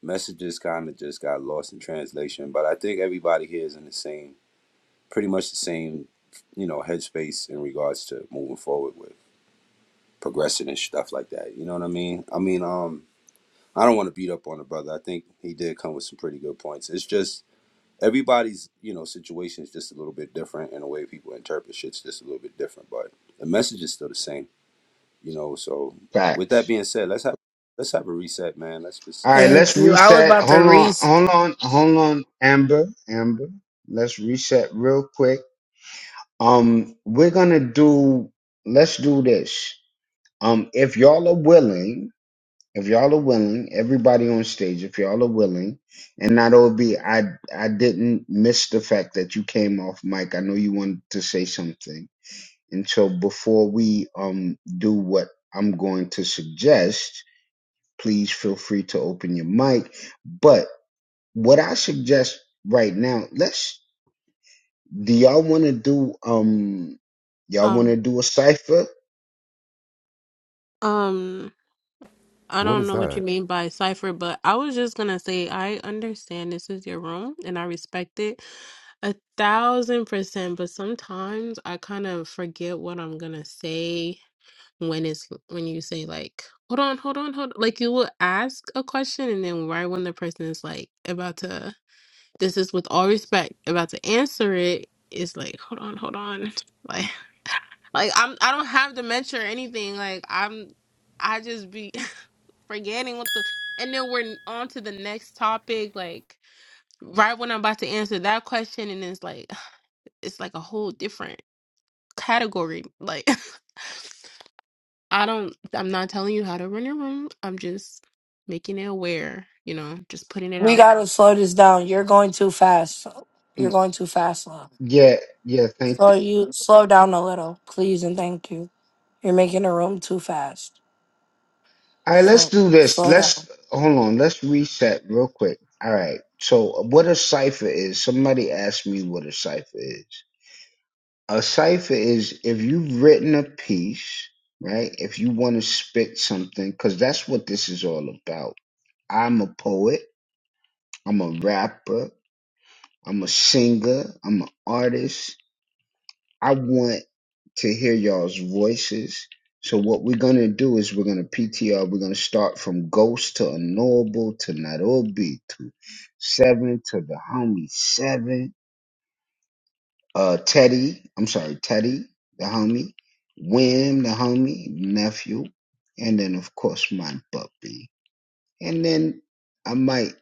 E: messages kind of just got lost in translation but i think everybody here is in the same pretty much the same you know headspace in regards to moving forward with progressing and stuff like that you know what i mean i mean um i don't want to beat up on the brother i think he did come with some pretty good points it's just everybody's you know situation is just a little bit different and the way people interpret shit's just a little bit different but the message is still the same you know so with that
A: Facts.
E: being said let's have let's have a reset man let's just
A: All right,
E: you know
B: Thank
A: let's
B: you. I was
A: reset.
B: about to
A: Hold on,
B: reach.
A: hold on, hold on, Amber, Amber. Let's reset real quick. Um, we're gonna do, let's do this. Um, if y'all are willing, If y'all are willing, everybody on stage, if y'all are willing, and not OB, I I didn't miss the fact that you came off mic. I know you wanted to say something. And so before we um do what I'm going to suggest, please feel free to open your mic. But what I suggest right now, let's do y'all wanna do um y'all
F: Um,
A: wanna do a cipher?
F: um. I
K: What
F: don't
K: is
F: know what you
K: that?
F: mean by cipher, but I was just gonna say I understand this is your room and I respect it a thousand percent, but sometimes I kind of forget what I'm gonna say when it's when you say like, hold on, hold on, hold Like you will ask a question and then right when the person is like about to this is with all respect, about to answer it, it's like, hold on, hold on. Like like I'm I don't have dementia or anything. Like I'm I just be forgetting what the and then we're on to the next topic like right when i'm about to answer that question and it's like it's like a whole different category like i don't i'm not telling you how to run your room i'm just making it aware you know just putting it
B: We
F: out
B: gotta slow this down. You're going too fast. You're
A: Mm,
B: going too fast, Lon.
A: Yeah, yeah, thank you.
B: Slow you slow down a little, please and thank you. You're making the room too fast.
A: All right, let's
B: Slow
A: do this.
B: slow down.
A: Let's hold on. Let's reset real quick. All right. So, what a cipher is? Somebody asked me what a cipher is. A cipher is if you've written a piece, right? If you want to spit something, because that's what this is all about. I'm a poet. I'm a rapper. I'm a singer. I'm an artist. I want to hear y'all's voices. So what we're gonna do is we're gonna PTR. We're gonna start from Ghost to Unknowable to Nairobi to Seven to the homie Seven. Uh, Teddy. I'm sorry, Teddy, the homie. Wim, the homie nephew, and then of course my puppy. And then I might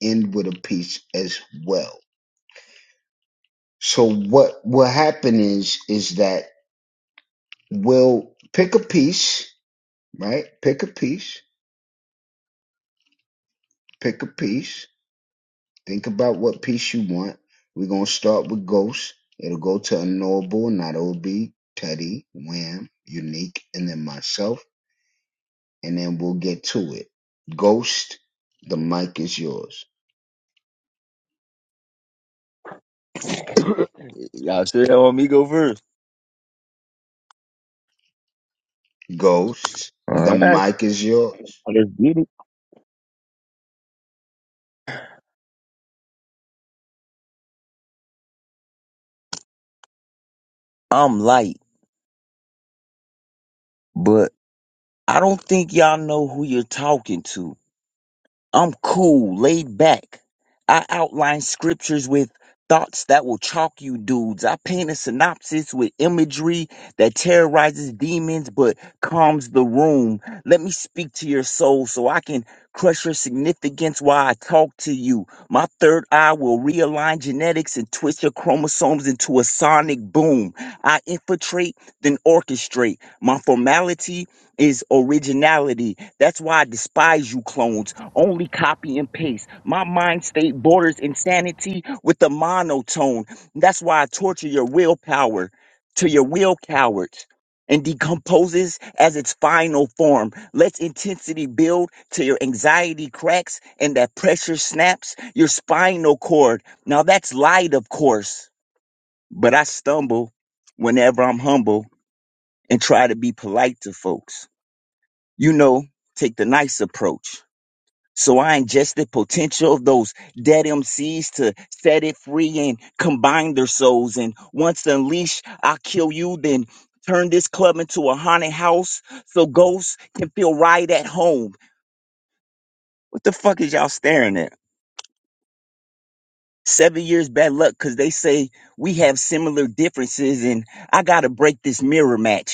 A: end with a piece as well. So what will happen is is that we'll pick a piece right? Pick a piece, pick a piece, think about what piece you want. We're going to start with Ghost. It'll go to Unknowable, Not OB, Teddy, Wham, Unique, and then myself, and then we'll get to it. Ghost, the mic is yours.
L: Y'all sure y'all want me to go first?
A: Ghost, the
L: All right,
A: mic is yours.
L: let's get it. I'm light, but I don't think y'all know who you're talking to. I'm cool, laid back. I outline scriptures with thoughts that will chalk you dudes. I paint a synopsis with imagery that terrorizes demons but calms the room. Let me speak to your soul so I can crush your significance while I talk to you. My third eye will realign genetics and twist your chromosomes into a sonic boom. I infiltrate, then orchestrate. My formality is originality. That's why I despise you clones only copy and paste. My mind state borders insanity with the monotone. That's why I torture your willpower to your will cowards and decomposes as its final form. Let's intensity build till your anxiety cracks and that pressure snaps your spinal cord. Now that's light, of course, but I stumble whenever I'm humble and try to be polite to folks. You know, take the nice approach so I ingest the potential of those dead MCs to set it free and combine their souls. And once unleashed, I'll kill you, then turn this club into a haunted house so ghosts can feel right at home. What the fuck is y'all staring at? Seven years bad luck because they say we have similar differences and I gotta break this mirror match.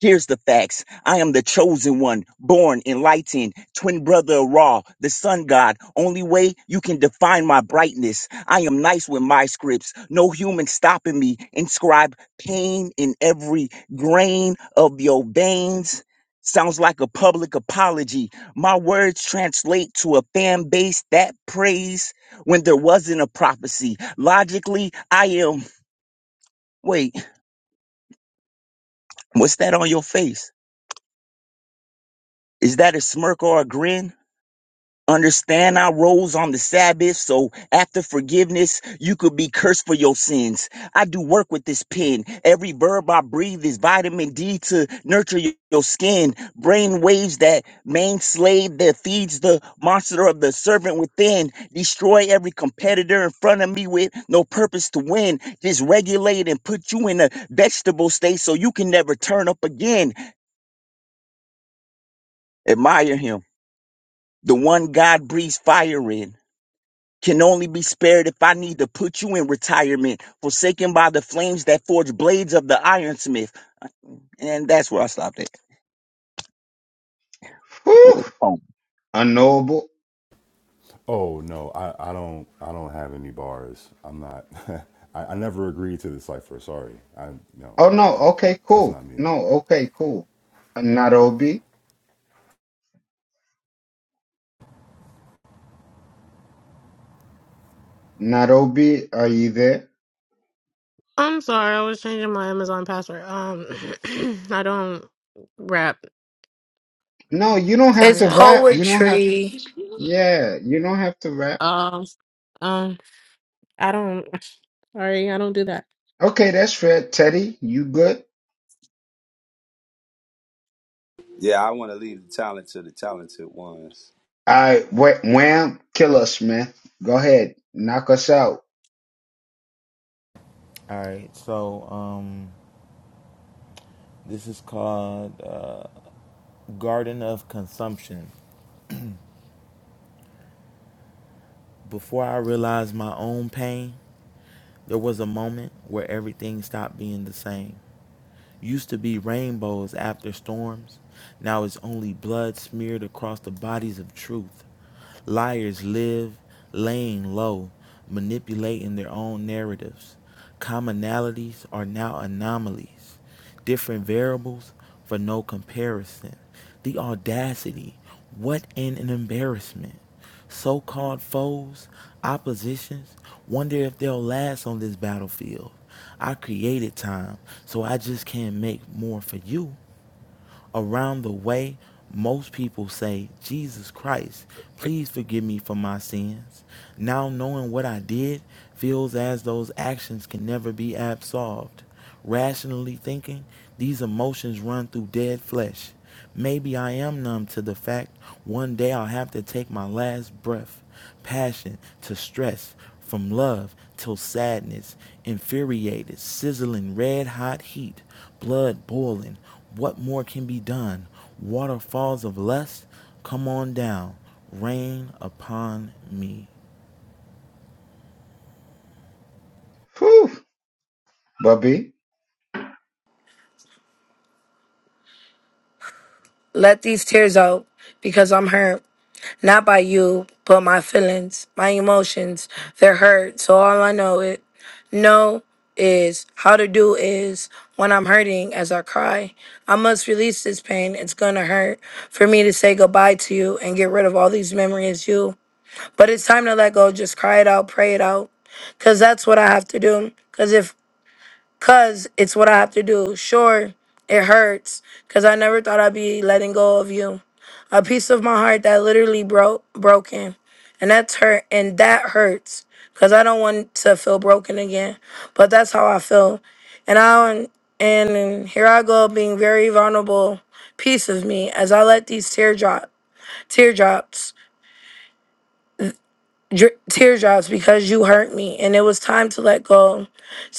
L: Here's the facts. I am the chosen one, born enlightened, twin brother of Ra, the sun god. Only way you can define my brightness. I am nice with my scripts. No human stopping me. Inscribe pain in every grain of your veins. Sounds like a public apology. My words translate to a fan base that prays when there wasn't a prophecy. Logically, I am. Wait, what's that on your face? Is that a smirk or a grin? Understand I rose on the Sabbath, so after forgiveness, you could be cursed for your sins. I do work with this pen. Every verb I breathe is vitamin D to nurture y- your skin. Brain waves that main slave that feeds the monster of the servant within. Destroy every competitor in front of me with no purpose to win. Just regulate and put you in a vegetable state so you can never turn up again. Admire him. The one God breathes fire in. can only be spared if I need to put you in retirement, forsaken by the flames that forge blades of the ironsmith. And that's where I stopped at.
A: Whew!
L: Oh,
A: Unknowable.
K: Oh no, I, I don't I don't have any bars. I'm not I, I never agreed to the cipher. Sorry. I no.
A: Oh, no.
K: I'm,
A: Okay,
K: that's
A: cool.
K: not me.
A: No, okay, cool. Not OB. Not OB. Are you there?
F: I'm sorry, I was changing my Amazon password. Um, I don't rap.
A: No, you don't have
F: Sorry,
B: It's
A: to
F: guys.
A: rap. You don't have.
B: poetry.
A: Yeah, you don't have to rap.
F: Um, um, I don't. Sorry, I don't do that.
A: Okay, that's fair. Teddy, you good?
E: Yeah, I want to leave the talent to the talented ones.
A: I wha- wham, kill us, man. Go ahead, knock us out.
D: All right, so um, this is called uh, Garden of Consumption. Before I realized my own pain, there was a moment where everything stopped being the same. used to be rainbows after storms. Now it's only blood smeared across the bodies of truth. Liars live laying low, manipulating their own narratives. Commonalities are now anomalies, different variables for no comparison. The audacity, what an embarrassment. So called foes, oppositions, wonder if they'll last on this battlefield. I created time, so I just can't make more for you around the way, most people say, Jesus Christ, please forgive me for my sins. Now knowing what I did feels as those actions can never be absolved. Rationally thinking, these emotions run through dead flesh. Maybe I am numb to the fact one day I'll have to take my last breath passion to stress, from love till sadness, infuriated, sizzling, red hot heat, blood boiling. What more can be done? Waterfalls of lust, come on down, rain upon me.
A: Whew, Bubby.
B: Let these tears out because I'm hurt. Not by you, but my feelings, my emotions. They're hurt. So all I know is know is how to do is when I'm hurting as I cry. I must release this pain. It's gonna hurt for me to say goodbye to you and get rid of all these memories you. But it's time to let go. Just cry it out, pray it out. Cause that's what I have to do. Cause if Cause it's what I have to do. Sure, it hurts. Cause I never thought I'd be letting go of you. A piece of my heart that literally broke broken. And that's hurt and that hurts. Cause I don't want to feel broken again. But that's how I feel. And I and here I go being very vulnerable piece of me as I let these teardrop teardrops dri teardrops because you hurt me and it was time to let go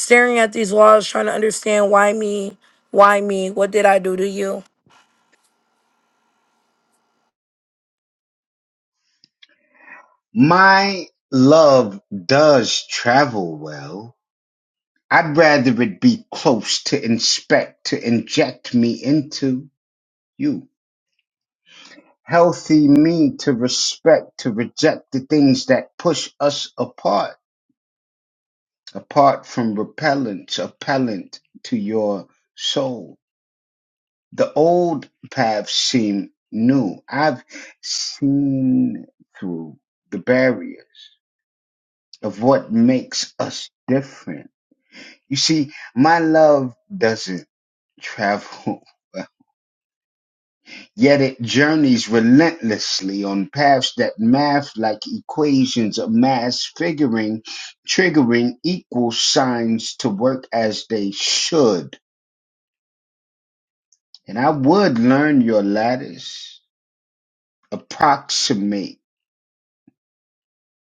B: staring at these walls, trying to understand why me, why me, what did I do to you?
A: My love does travel well. I'd rather it be close to inspect, to inject me into you. Healthy me to respect, to reject the things that push us apart, apart from repellent, appellant to your soul The old paths seem new. I've seen through the barriers of what makes us different. You see, my love doesn't travel, yet it journeys relentlessly on paths that math like equations of mass figuring, triggering equal signs to work as they should. And I would learn your lattice, approximate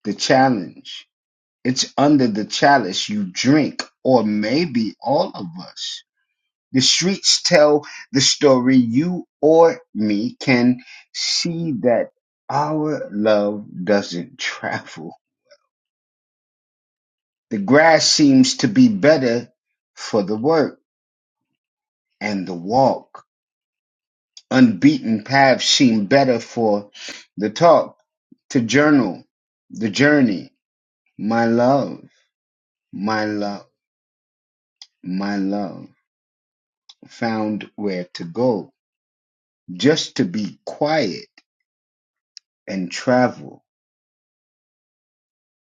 A: The challenge. It's under the chalice you drink, or maybe all of us. The streets tell the story. You or me can see that our love doesn't travel. The grass seems to be better for the work and the walk. Unbeaten paths seem better for the talk, to journal, the journey. My love, my love, my love. found where to go, just to be quiet and travel.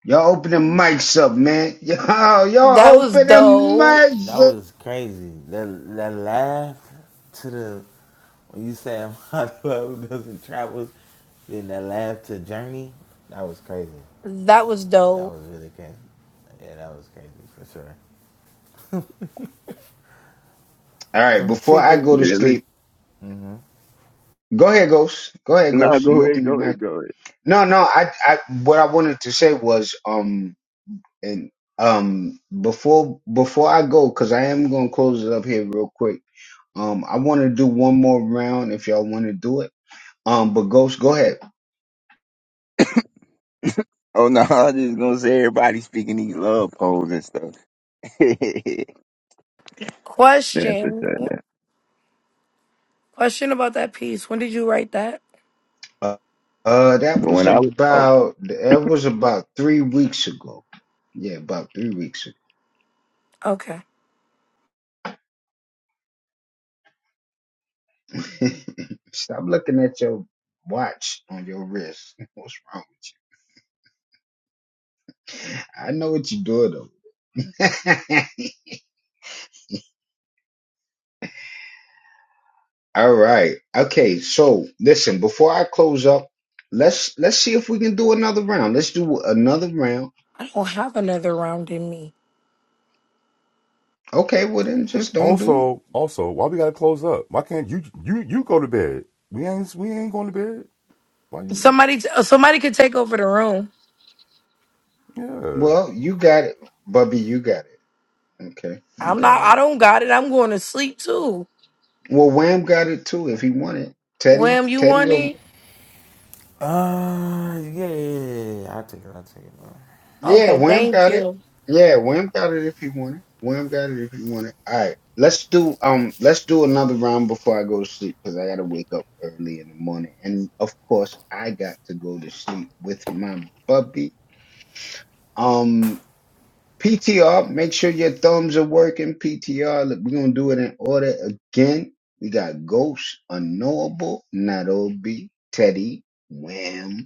A: Y'all open them mics up, man. Y'all,
B: That
A: y'all
B: was
A: open them
B: dope.
D: That
A: mics up.
D: was crazy. That that laugh to the when you say my love doesn't travel, then that laugh to journey. That was crazy.
B: That was
D: That
B: dope.
D: was really crazy. Yeah, that was crazy for sure.
A: All right,
D: Some
A: before I go to
D: chicken.
L: really?
A: sleep, go ahead, Ghost. Go ahead,
L: No,
A: Ghost.
L: go
A: You
L: ahead,
A: open your
L: go ahead,
A: mic.
L: go ahead.
A: No, no, I, I, what I wanted to say was, um, and, um, before, before I go, cause I am going to close it up here real quick. Um, I want to do one more round if y'all want to do it. Um, but Ghost, go ahead.
L: Oh no, I was just gonna say everybody speaking these love poems and stuff. That's what
B: Question,
L: that. that.
B: question about that piece. When did you write that?
A: Uh, uh, that
L: But
A: was
L: when I was- oh,
A: about that was about three weeks ago. Yeah, about three weeks
B: Okay,
A: ago. Stop looking at your watch on your wrist. What's wrong? I know what you're doing though. All right. Okay. So listen, before I close up, let's let's see if we can do another round. Let's do another round.
B: I don't have another round in me.
A: Okay. Well then, just don't do.
K: Also, also, why we gotta close up? Why can't you you you go to bed? We ain't we ain't going to bed. Why you?
B: Somebody, t- uh, somebody could take over the room.
K: Yeah.
A: Well, you got it, Bubby. You got it. Okay. You
B: I'm not.
A: got it.
B: I don't got it. I'm going to sleep too.
A: Well, Wham got it too if he wanted. Teddy,
B: Wham, you
A: Teddy,
B: want
A: will-
B: it?
D: Uh, yeah, yeah, yeah, yeah. I'll take it. I'll take it, bro.
A: yeah,
B: Okay,
A: Wham
B: thank
A: got it.
B: you.
A: Yeah, Wham got it if he wanted. Wham got it if he wanted. All right, let's do um, let's do another round before I go to sleep because I gotta wake up early in the morning, and of course I got to go to sleep with my puppy. Um, PTR, make sure your thumbs are working. PTR, look, we're gonna do it in order again. We got Ghost, Unknowable, Nairobi, Teddy, Wham.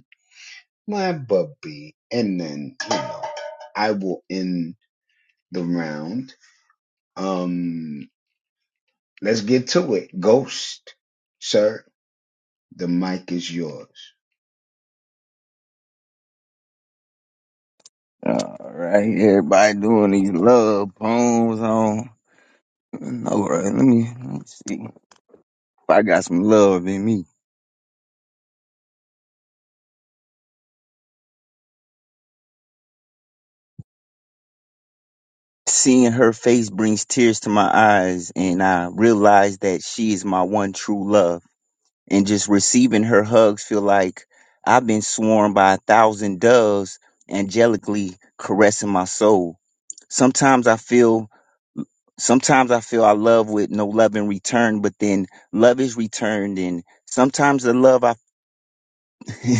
A: my bubby. And then, you know, I will end the round. Um, let's get to it. Ghost, sir, the mic is yours.
L: all right, everybody doing these love poems on. All right, let me let me see if I got some love in me. Seeing her face brings tears to my eyes, and I realize that she is my one true love. And just receiving her hugs feel like I've been swarmed by a thousand doves angelically caressing my soul. Sometimes I feel sometimes I feel I love with no love in return, but then love is returned and sometimes the love I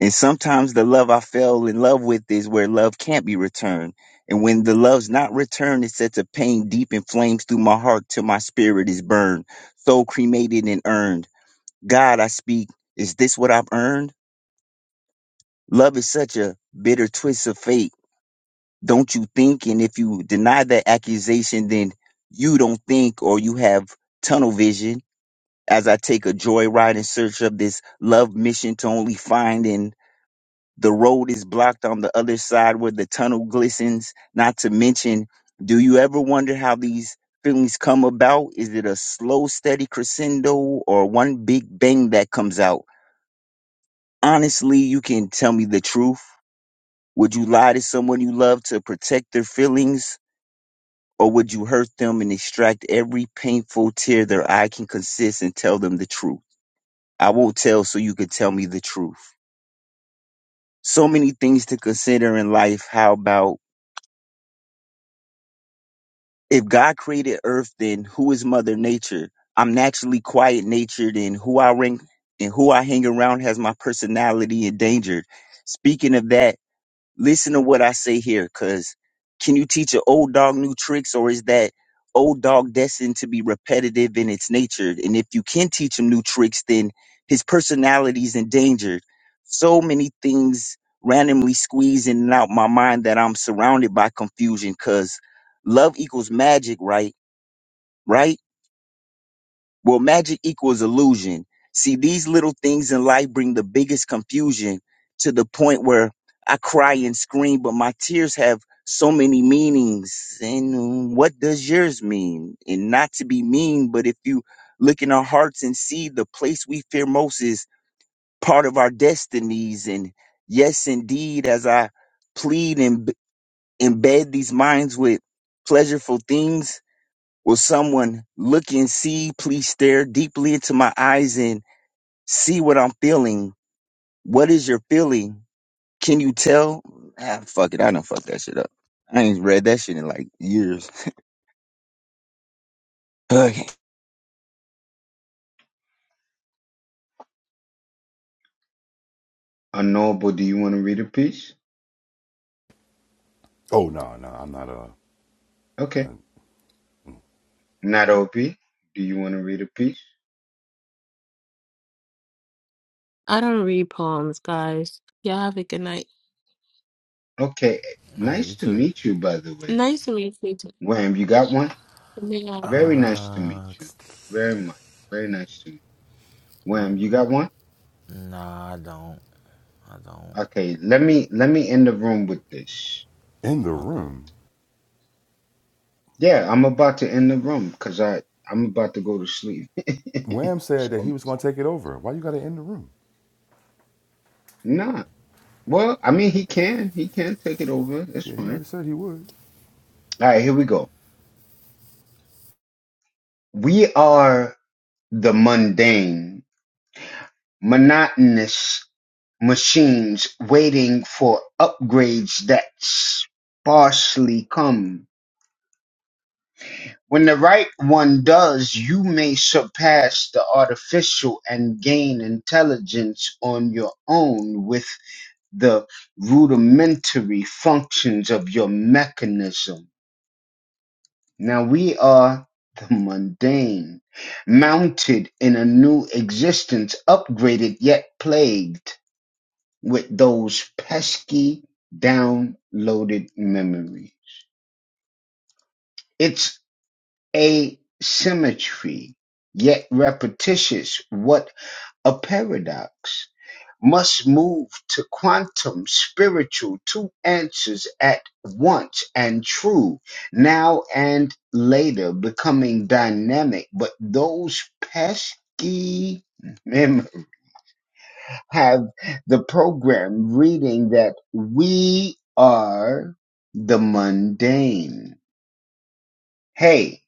L: And sometimes the love I fell in love with is where love can't be returned. And when the love's not returned, it sets a pain deep and flames through my heart till my spirit is burned, soul cremated and earned. God, I speak, is this what I've earned? Love is such a bitter twist of fate. Don't you think? And if you deny that accusation, then you don't think or you have tunnel vision. As I take a joyride in search of this love mission to only find and The road is blocked on the other side where the tunnel glistens. Not to mention, do you ever wonder how these feelings come about? Is it a slow, steady crescendo or one big bang that comes out? Honestly, you can tell me the truth. Would you lie to someone you love to protect their feelings? Or would you hurt them and extract every painful tear their eye can consist and tell them the truth? I won't tell so you can tell me the truth. So many things to consider in life. How about if God created Earth, then who is Mother Nature? I'm naturally quiet natured, and who I ring and who I hang around has my personality endangered. Speaking of that, Listen to what I say here, because can you teach an old dog new tricks, or is that old dog destined to be repetitive in its nature? And if you can teach him new tricks, then his personality is endangered. So many things randomly squeeze in and out my mind that I'm surrounded by confusion because love equals magic, right? Right? Well, magic equals illusion. See, these little things in life bring the biggest confusion to the point where I cry and scream, but my tears have so many meanings. And um, what does yours mean? And not to be mean, but if you look in our hearts and see the place we fear most is part of our destinies. And yes, indeed, as I plead and b- embed these minds with pleasureful things, Will someone look and see, please stare deeply into my eyes and see what I'm feeling? What is your feeling? Can you tell? Ah, fuck it. I done fucked that shit up. I ain't read that shit in like years. Okay.
A: Unknowable, do you want to read a piece?
K: Oh no no, I'm not uh
A: Okay. Not OP, do you want to read a piece?
F: I don't read poems, guys. Y'all have a good night.
A: Okay.
D: All right,
A: Nice
D: you
A: to
D: too.
A: meet you, by the way.
F: Nice to meet you. Good
A: Wham, you got one?
F: night, Audra.
A: Very nice to meet
D: Uh,
A: you. Very much. Very nice to meet you. Wham, you got one?
D: nah, I don't. I don't.
A: Okay, let me let me end the room with this.
K: in the
D: Okay.
K: room.
A: Yeah, I'm about to end the room because I I'm about to go to sleep.
K: Wham said
A: so
K: that he
A: I'm
K: was gonna take it over. Why you gotta end the room?
A: not. Well, I mean, he can he can take it over. It's
K: Yeah, he
A: fine.
K: already said he would.
A: All right, here we go. We are the mundane, monotonous machines waiting for upgrades that sparsely come. When the right one does, you may surpass the artificial and gain intelligence on your own the rudimentary functions of your mechanism. Now we are the mundane, mounted in a new existence, upgraded yet plagued with those pesky downloaded memories. It's asymmetry, yet repetitious. What a paradox. must move to quantum spiritual two answers at once and true now and later becoming dynamic but those pesky memories have the program reading that we are the mundane hey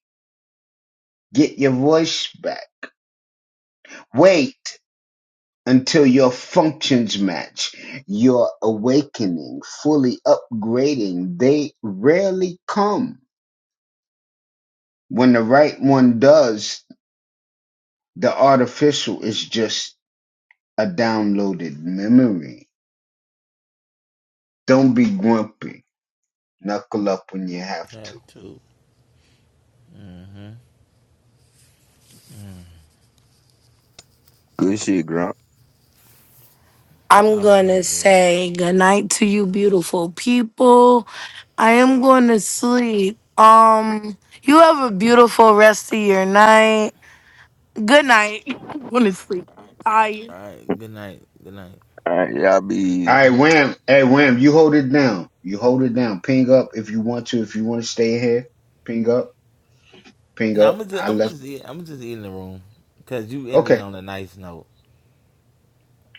A: get your voice back wait until your functions match your awakening, fully upgrading. They rarely come. When the right one does, the artificial is just a downloaded memory. Don't be grumpy. Knuckle up when you have
D: I have
A: to.
D: two. Hmm?
L: Good shit, Grump.
B: I'm
D: That was
B: going
D: really
B: to
D: good.
B: say good night to you, beautiful people. I am going to sleep. Um, you have a beautiful rest of your night. Good night. I'm going to sleep. Tired.
D: All right. Good night. Good night.
L: All right. Y'all be easy.
A: All right, Wham. Hey, Wham, you hold it down. You hold it down. Ping up if you want to. If you want to stay here, ping up. Ping
D: Now I'm
A: up.
D: gonna just,
A: I
D: I'm gonna
A: left.
D: just eat. I'm gonna just eat in the room, cause you ended
A: Okay,
D: on a nice note.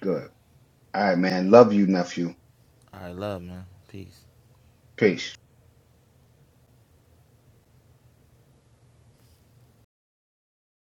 A: good. All right, man. Love you, nephew.
D: All right, love, man. Peace.
A: Peace.